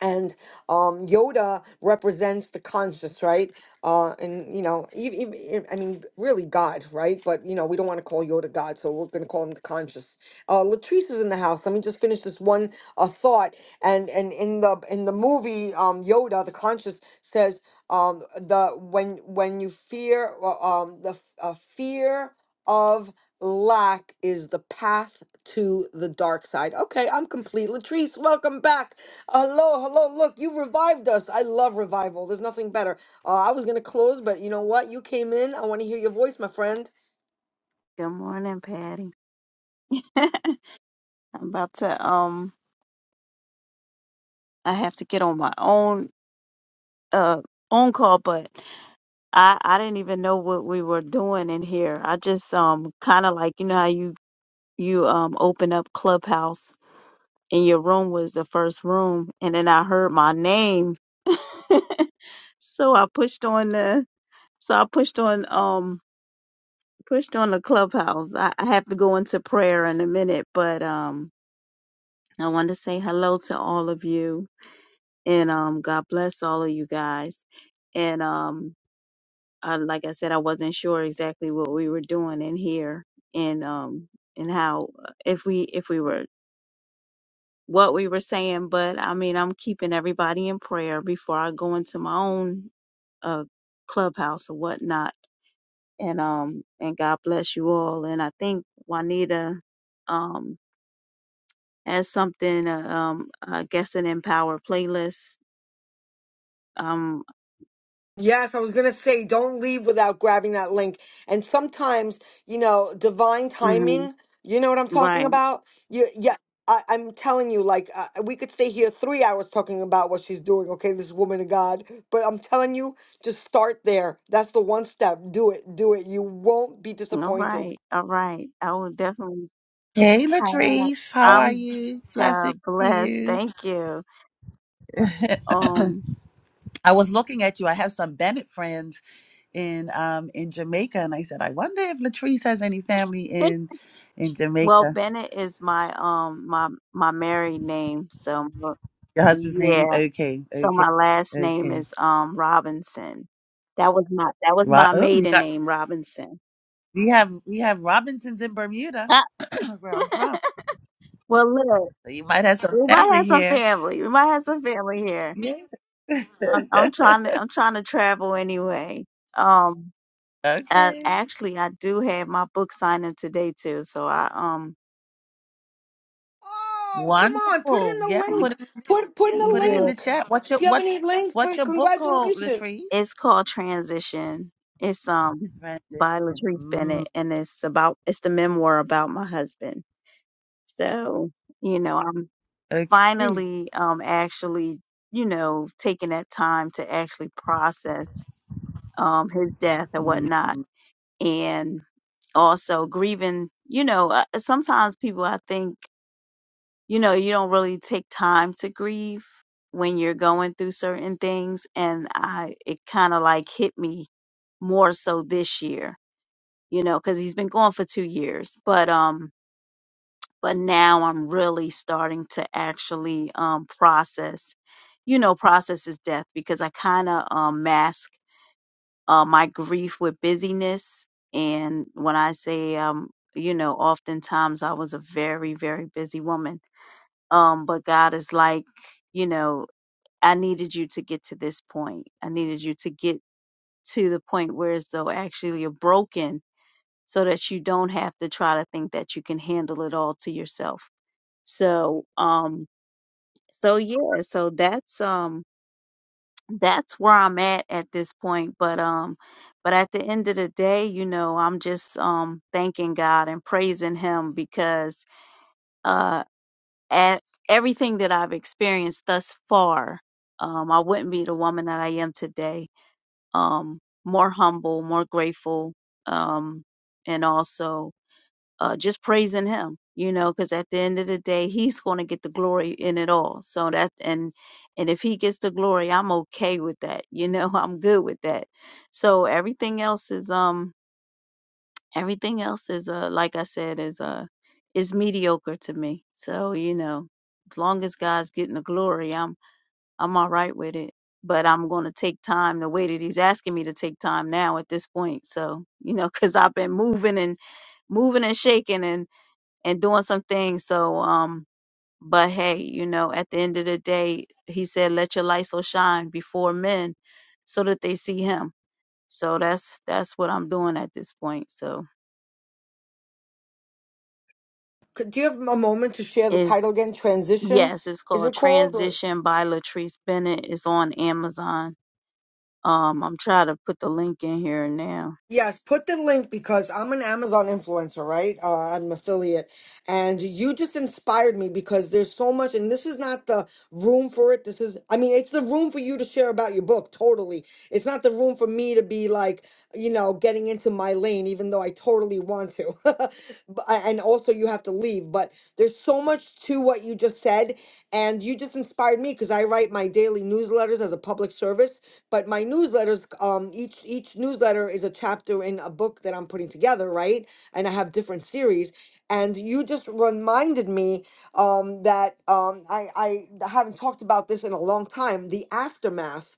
Speaker 1: and um, Yoda represents the conscious, right? Uh, and you know, even, I mean, really God, right? But you know, we don't want to call Yoda God, so we're going to call him the conscious. Uh, Latrice is in the house. Let me just finish this one uh, thought. And and in the in the movie, um, Yoda, the conscious, says um, the when when you fear uh, um, the f- uh, fear of lack is the path to the dark side. Okay, I'm complete. Latrice, welcome back. Hello, hello, look, you revived us. I love revival. There's nothing better. Uh, I was going to close, but you know what? You came in. I want to hear your voice, my friend.
Speaker 7: Good morning, Patty. I'm about to um I have to get on my own uh own call, but I I didn't even know what we were doing in here. I just um kind of like you know how you you um open up Clubhouse and your room was the first room and then I heard my name. So I pushed on the so I pushed on um pushed on the Clubhouse. I, I have to go into prayer in a minute, but um I wanted to say hello to all of you and um God bless all of you guys. And um I, like I said, I wasn't sure exactly what we were doing in here and um and how uh, if we if we were what we were saying, but I mean I'm keeping everybody in prayer before I go into my own uh clubhouse or whatnot. And um and God bless you all. And I think Juanita um has something uh, um I guess an empower playlist. Um
Speaker 1: Yes, I was going to say, don't leave without grabbing that link. And sometimes, you know, divine
Speaker 7: mhm,
Speaker 1: timing, you know what I'm
Speaker 7: right.
Speaker 1: talking about? You, yeah, I, I'm telling you, like, uh, we could stay here three hours talking about what she's doing, okay, this woman of God. But I'm telling you, just start there. That's the one step. Do it, do it. You won't be
Speaker 7: All
Speaker 1: disappointed.
Speaker 7: right, all right. I will definitely
Speaker 4: Hey,
Speaker 7: try that.
Speaker 4: Latrice, how are
Speaker 7: I'm
Speaker 4: you? Blessing
Speaker 7: God
Speaker 4: to
Speaker 7: bless.
Speaker 4: you.
Speaker 7: Thank you. Um,
Speaker 4: I was looking at you. I have some Bennett friends in um in Jamaica, and I said, I wonder if Latrice has any family in in
Speaker 7: well,
Speaker 4: Jamaica.
Speaker 7: Bennett is my um my my married name. So
Speaker 4: Your husband's name?
Speaker 7: yeah.
Speaker 4: Okay,
Speaker 7: So
Speaker 4: okay,
Speaker 7: my last name
Speaker 4: okay.
Speaker 7: is um Robinson. That was my that was
Speaker 4: Ro-
Speaker 7: my
Speaker 4: oh, we
Speaker 7: maiden
Speaker 4: got
Speaker 7: name, Robinson.
Speaker 4: we have we have Robinsons in Bermuda, where I'm from.
Speaker 7: Well, look,
Speaker 4: So you might have some
Speaker 7: we might have
Speaker 4: family
Speaker 7: some
Speaker 4: here.
Speaker 7: family. We might have some family here.
Speaker 4: Yeah.
Speaker 7: I'm, I'm trying to I'm trying to travel anyway. Um. Uh,
Speaker 4: okay.
Speaker 7: actually, I do have my book signing today too. So I um
Speaker 1: Oh, come on. Put in
Speaker 4: Wonderful. Yeah.
Speaker 1: the
Speaker 7: y-
Speaker 4: Put
Speaker 1: link.
Speaker 4: it
Speaker 1: Put put in
Speaker 4: put
Speaker 1: the
Speaker 4: it in
Speaker 7: yeah,
Speaker 4: the
Speaker 1: link.
Speaker 4: chat. What's
Speaker 1: Do
Speaker 4: your
Speaker 1: you have
Speaker 4: what's
Speaker 1: any links?
Speaker 4: what's
Speaker 1: For,
Speaker 4: your book called,
Speaker 1: congratulations.
Speaker 4: Latrice?
Speaker 7: it's called Transition. It's um by
Speaker 4: Transition.
Speaker 7: Latrice
Speaker 4: Mm.
Speaker 7: Bennett, and it's about it's the memoir about my husband. So you know, I'm
Speaker 4: Okay.
Speaker 7: finally um actually you know taking that time to actually process um his death and
Speaker 4: Mm.
Speaker 7: whatnot, and also grieving. You know, uh, sometimes people I think you know, you don't really take time to grieve when you're going through certain things. And I, it kind of like hit me more so this year, you know, because he's been gone for two years. But, um, but now I'm really starting to actually, um, process, you know, process his death because I kind of, um, mask, uh, my grief with busyness. And when I say, um, you know, oftentimes I was a very, very busy woman um, but God is like, you know, I needed you to get to this point. I needed you to get to the point where as though actually you're broken so that you don't have to try to think that you can handle it all to yourself. So, um, so yeah, so that's, um, that's where I'm at at this point. But, um, but at the end of the day, you know, I'm just, um, thanking God and praising him because uh, at everything that I've experienced thus far, um, I wouldn't be the woman that I am today. Um, more humble, more grateful, um, and also uh, just praising Him. You know, because at the end of the day, He's going to get the glory in it all. So that and and if He gets the glory, I'm okay with that. You know, I'm good with that. So everything else is um Everything else is uh like I said is uh is mediocre to me. So, you know, as long as God's getting the glory, I'm I'm all right with it. But I'm going to take time the way that he's asking me to take time now at this point. So, you know, cuz I've been moving and moving and shaking and and doing some things. So, um but hey, you know, at the end of the day, he said let your light so shine before men so that they see him. So that's that's what I'm doing at this point. So,
Speaker 1: Could, do you have a moment to share the title again? Transition?
Speaker 7: Yes, it's
Speaker 1: Is
Speaker 7: called
Speaker 1: it called? Or
Speaker 7: Transition by Latrice Bennett. It's on Amazon. Um, I'm trying to put the link in here now.
Speaker 1: Yes, put the link because I'm an Amazon influencer, right? Uh, I'm an affiliate. And you just inspired me because there's so much, and this is not the room for it. This is, I mean, it's the room for you to share about your book, totally. It's not the room for me to be like, you know, getting into my lane, even though I totally want to. But- and also, you have to leave. But there's so much to what you just said. And you just inspired me because I write my daily newsletters as a public service but my newsletters um each each newsletter is a chapter in a book that i'm putting together right and i have different series and you just reminded me um that um i i haven't talked about this in a long time the aftermath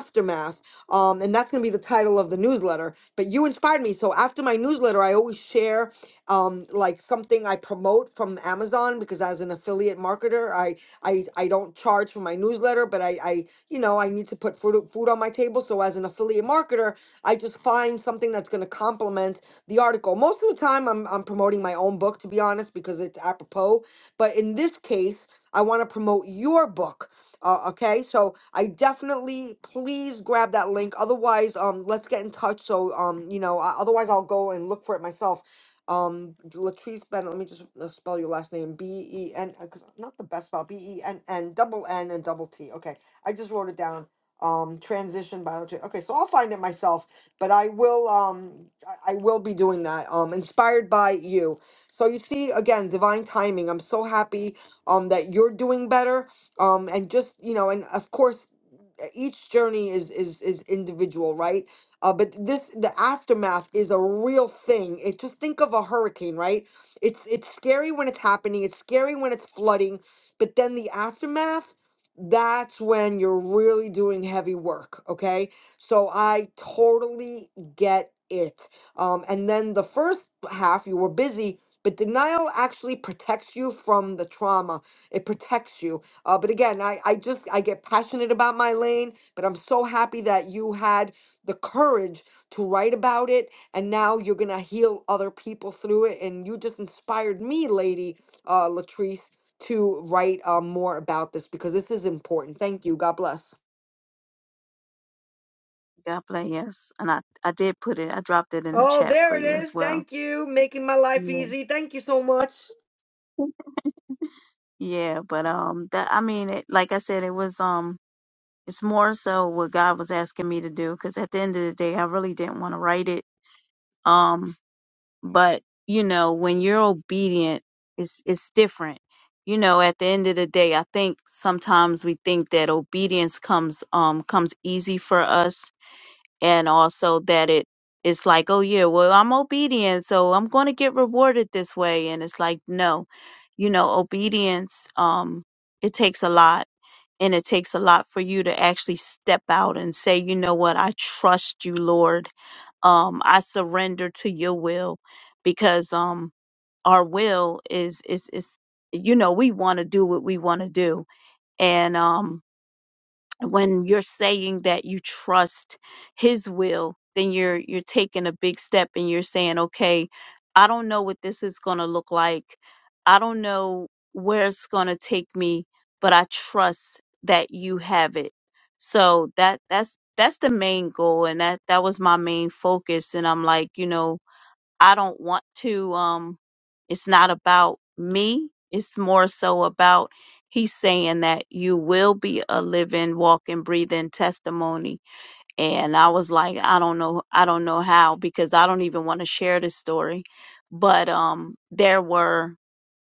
Speaker 1: aftermath. Um, and that's going to be the title of the newsletter. But you inspired me. So after my newsletter, I always share um, like something I promote from Amazon because as an affiliate marketer, I I, I don't charge for my newsletter, but I, I you know I need to put food food on my table. So as an affiliate marketer, I just find something that's going to complement the article. Most of the time, I'm I'm promoting my own book to be honest because it's apropos. But in this case, I want to promote your book. Uh, okay, so I definitely please grab that link. Otherwise, um, let's get in touch. So, um, you know, I, otherwise I'll go and look for it myself. Um, Latrice Ben. Let me just uh, spell your last name. B E N. Because not the best spell. B E N N double N and double T. Okay, I just wrote it down. Um, transition biology. Okay, so I'll find it myself. But I will. Um, I, I will be doing that. Um, inspired by you. So you see again, divine timing. I'm so happy. Um, that you're doing better um and just you know and of course uh, each journey is is is individual right uh but this the aftermath is a real thing it just think of a hurricane right it's it's scary when it's happening it's scary when it's flooding but then the aftermath that's when you're really doing heavy work okay so i totally get it um and then the first half you were busy but denial actually protects you from the trauma it protects you uh, but again, I, I just I get passionate about my lane, but I'm so happy that you had the courage to write about it, and now you're gonna heal other people through it, and you just inspired me, lady uh, Latrice, to write uh, more about this because this is important. Thank you. God bless.
Speaker 7: God bless. Yes, and I I did put it. I dropped it in the
Speaker 1: Oh,
Speaker 7: chat
Speaker 1: there
Speaker 7: for
Speaker 1: it
Speaker 7: you as
Speaker 1: is.
Speaker 7: well.
Speaker 1: Thank you, making my life
Speaker 7: Yeah,
Speaker 1: easy. Thank you so much.
Speaker 7: yeah. But um, that I mean, it, like I said, it was um, it's more so what God was asking me to do because at the end of the day, I really didn't want to write it. Um, but you know when you're obedient it's it's different you know at the end of the day i think sometimes we think that obedience comes um comes easy for us and also that it it's like oh yeah well i'm obedient so i'm going to get rewarded this way and it's like no you know obedience um it takes a lot and it takes a lot for you to actually step out and say, you know what, I trust you, Lord. Um, I surrender to your will because um our will is is is you know, we want to do what we want to do. And um when you're saying that you trust his will then you're you're taking a big step and you're saying okay i don't know what this is going to look like i don't know where it's going to take me but i trust that you have it so that that's that's the main goal and that that was my main focus and i'm like you know I don't want to um it's not about me. It's more so about he's saying that you will be a living, walking, breathing testimony. And I was like, I don't know, I don't know how because I don't even want to share this story. But um there were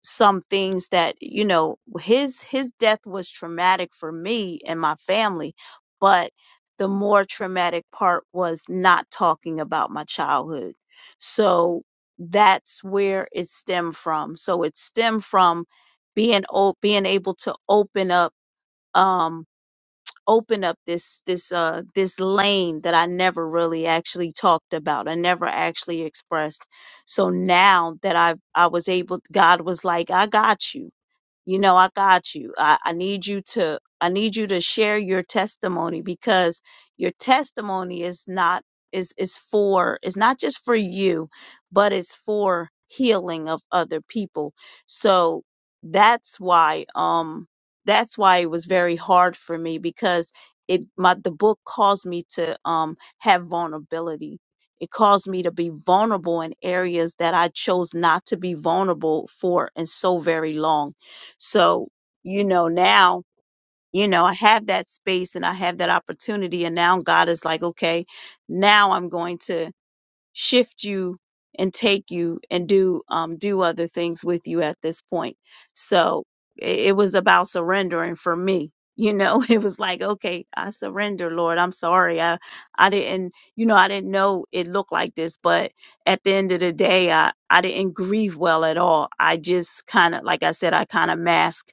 Speaker 7: some things that you know his his death was traumatic for me and my family but the more traumatic part was not talking about my childhood so that's where it stemmed from so it stemmed from being o- being able to open up um open up this this uh this lane that I never really actually talked about. I never actually expressed. So now that I've I was able God was like, I got you you know i got you I, I need you to i need you to share your testimony because your testimony is not is is for is not just for you but it's for healing of other people so that's why um that's why it was very hard for me because it my the book caused me to um have vulnerability it caused me to be vulnerable in areas that I chose not to be vulnerable for and so very long so, you know, now, you know, I have that space and I have that opportunity. And now God is like, okay, now I'm going to shift you and take you and do um do other things with you at this point. So it, it was about surrendering for me. You know, it was like, okay, I surrender, Lord. I'm sorry. I I didn't, you know, I didn't know it looked like this, but at the end of the day, I I didn't grieve well at all. I just kind of like I said, I kind of masked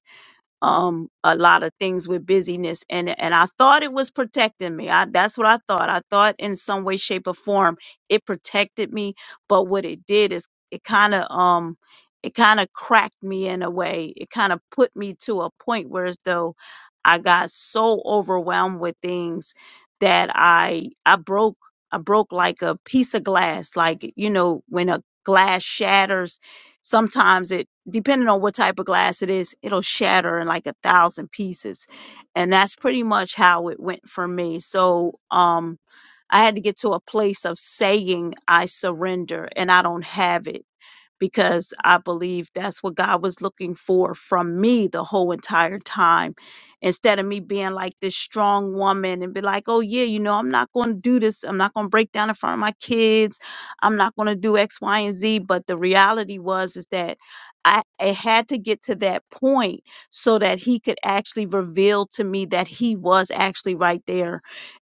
Speaker 7: um a lot of things with busyness and and I thought it was protecting me. I that's what I thought. I thought in some way shape or form it protected me, but what it did is it kind of um it kind of cracked me in a way. It kind of put me to a point where as though I got so overwhelmed with things that I I broke I broke like a piece of glass, like you know when a glass shatters sometimes it depending on what type of glass it is it'll shatter in like a thousand pieces and that's pretty much how it went for me so um i had to get to a place of saying i surrender and i don't have it because I believe that's what God was looking for from me the whole entire time. Instead of me being like this strong woman and be like, oh, yeah, you know, I'm not going to do this. I'm not going to break down in front of my kids. I'm not going to do X, Y, and Z. But the reality was, is that I, I had to get to that point so that he could actually reveal to me that he was actually right there.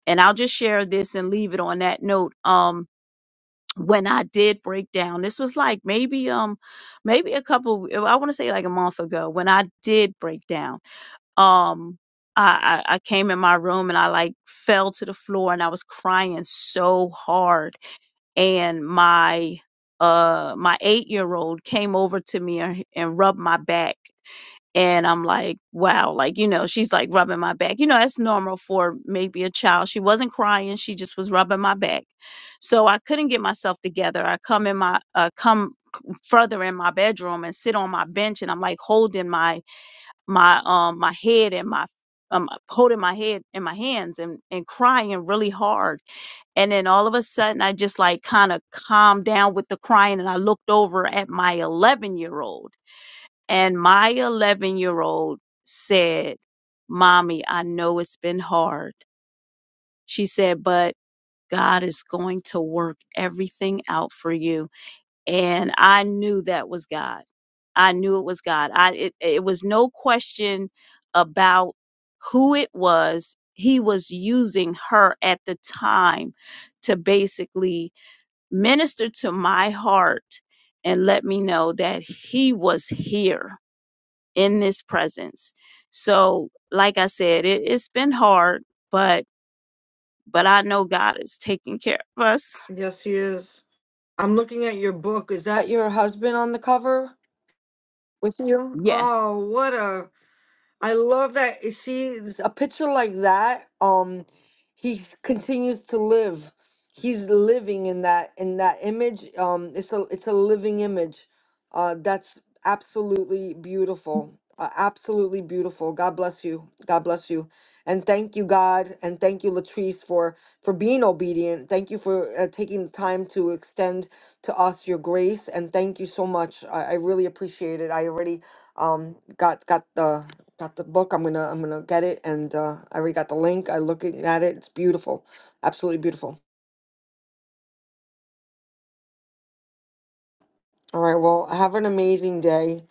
Speaker 7: And I'll just share this and leave it on that note. Um, when I did break down, this was like maybe um maybe a couple uh, I want to say like a month ago when I did break down. Um I, I I came in my room and I like fell to the floor and I was crying so hard and my uh my 8-year-old came over to me and, and rubbed my back and I'm like, wow, like, you know, she's like rubbing my back. You know, that's normal for maybe a child. She wasn't crying, she just was rubbing my back. So I couldn't get myself together. I come in my uh come further in my bedroom and sit on my bench and I'm like holding my my um my head and my um holding my head in my hands and and crying really hard. And then all of a sudden, I just like kind of calmed down with the crying and I looked over at my 11 year old and my 11 year old said, Mommy, I know it's been hard. She said, but God is going to work everything out for you. And I knew that was God. I knew it was God. I, it, it was no question about who it was. He was using her at the time to basically minister to my heart and let me know that he was here in this presence. So, like I said, it, it's been hard, but but I know God is taking care of us.
Speaker 1: Yes, he is. I'm looking at your book. Is that your husband on the cover with you?
Speaker 7: Yes.
Speaker 1: Oh, what a I love that. you See, a picture like that, um, he s- continues to live. He's living in that in that image. Um, it's a it's a living image. Uh, that's absolutely beautiful. Uh, absolutely beautiful. God bless you. God bless you, and thank you, God, and thank you, Latrice, for for being obedient. Thank you for uh, taking the time to extend to us your grace, and thank you so much. I, I really appreciate it. I already um got got the got the book. I'm gonna I'm gonna get it, and uh, I already got the link. I looking at it. It's beautiful, absolutely beautiful. All right. Well, have an amazing day.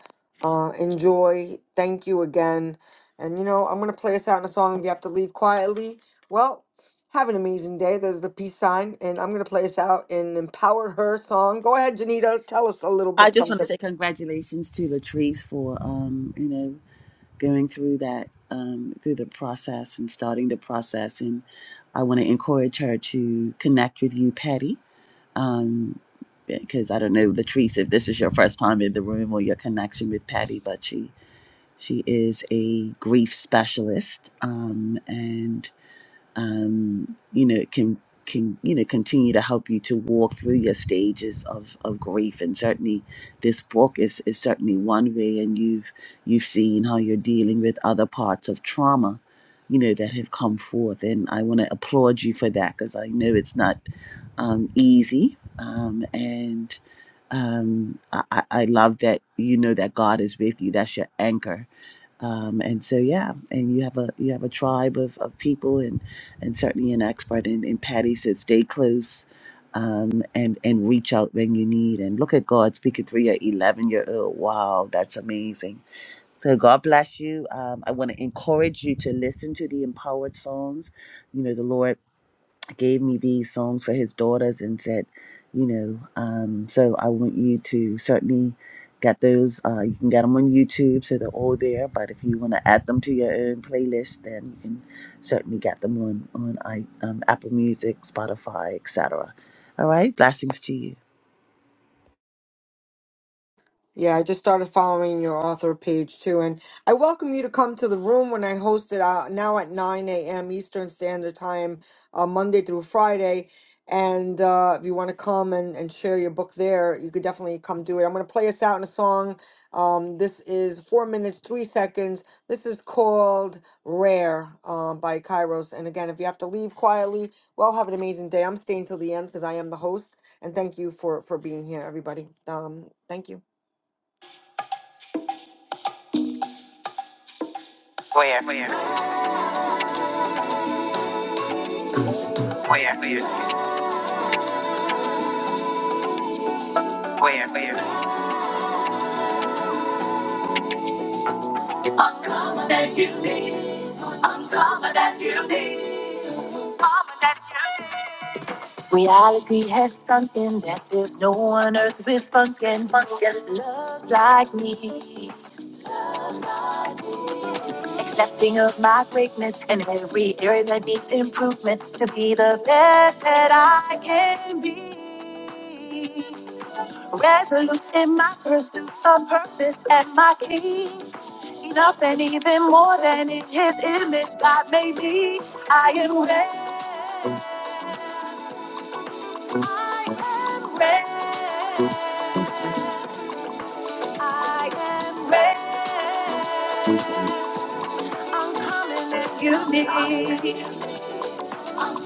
Speaker 1: Uh, enjoy. Thank you again. And you know, I'm gonna play us out in a song. If you have to leave quietly, well, have an amazing day. There's the peace sign, and I'm gonna play us out in "Empower Her" song. Go ahead, Janita. Tell us a little
Speaker 4: I
Speaker 1: bit
Speaker 4: just
Speaker 1: something.
Speaker 4: want to say congratulations to Latrice for um, you know, going through that um through the process and starting the process and I want to encourage her to connect with you, Patty. Um because I don't know, Latrice, if this is your first time in the room or your connection with Patty, but she she is a grief specialist. Um and um, you know, can can you know continue to help you to walk through your stages of, of grief. And certainly, this book is is certainly one way. And you've you've seen how you're dealing with other parts of trauma, you know, that have come forth. And I want to applaud you for that because I know it's not um, easy. Um, and um, I, I I love that you know that God is with you. That's your anchor um, and so yeah and you have a you have a tribe of, of people and and certainly an expert and, and patty says stay close um, and and reach out when you need and look at god speaking through your 11 year old wow that's amazing so god bless you um, i want to encourage you to listen to the empowered songs you know the lord gave me these songs for his daughters and said, you know, um, so I want you to certainly get those. Uh, you can get them on YouTube, so they're all there. But if you want to add them to your own playlist, then you can certainly get them on on I, um, Apple Music, Spotify, etc. All right, blessings to you.
Speaker 1: Yeah, I just started following your author page too, and I welcome you to come to the room when I host it uh, now at 9 a.m. Eastern Standard Time, uh, Monday through Friday. And uh, if you want to come and, and share your book there, you could definitely come do it. I'm going to play us out in a song. Um, this is four minutes, three seconds. This is called Rare uh, by Kairos. And again, if you have to leave quietly, well, have an amazing day. I'm staying till the end because I am the host. And thank you for, for being here, everybody. Um, thank you. Where, where, where, where, where, where? Reality has sunk in that there's no one earth with funk and funk and love like me. Accepting of my greatness and every area that needs improvement to be the best that I can be. Resolute in my pursuit of purpose and my key. Enough and even more than in his image, God made me. I am ready. I am ready. I am ready. Come and let You need.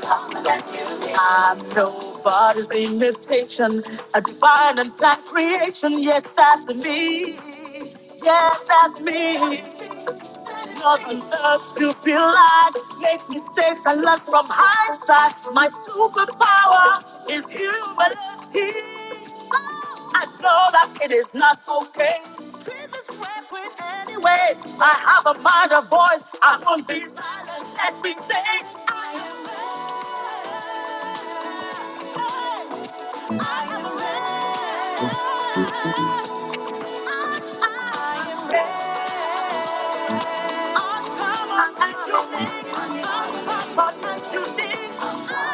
Speaker 1: I'm nobody's imitation, a divine and black creation. Yes, that's me. Yes, that's me. Love and earth to be light. Make mistakes I learn from hindsight. My superpower is humility. Oh, I know that it is not okay. Jesus went with anyway. I have a mind, a voice. I won't be silent. Let me say, I am ready. I am ready. I am ready. I am ready. I am ready. I am ready.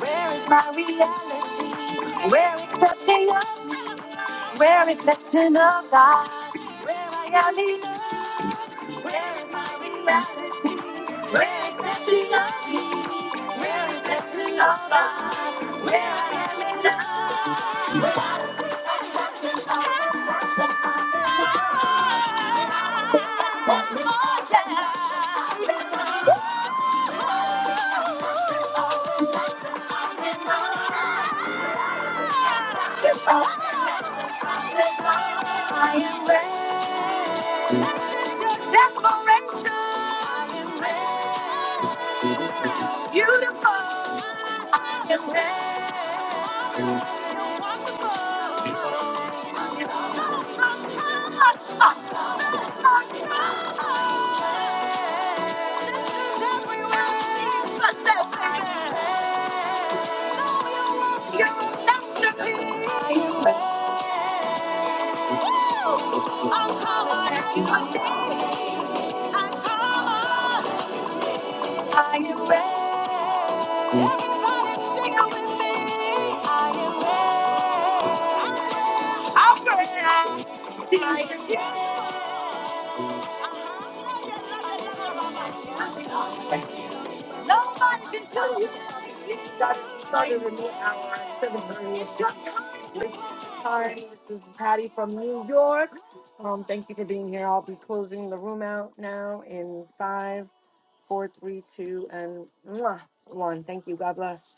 Speaker 1: Where is my reality? Where is the chaos? Where reflection of God? Where I am needed? Where is my reality? Are you ready? Um, thank you for being here. I'll be closing the room out now in five, four, three, two, and mwah, one. Thank you. God bless.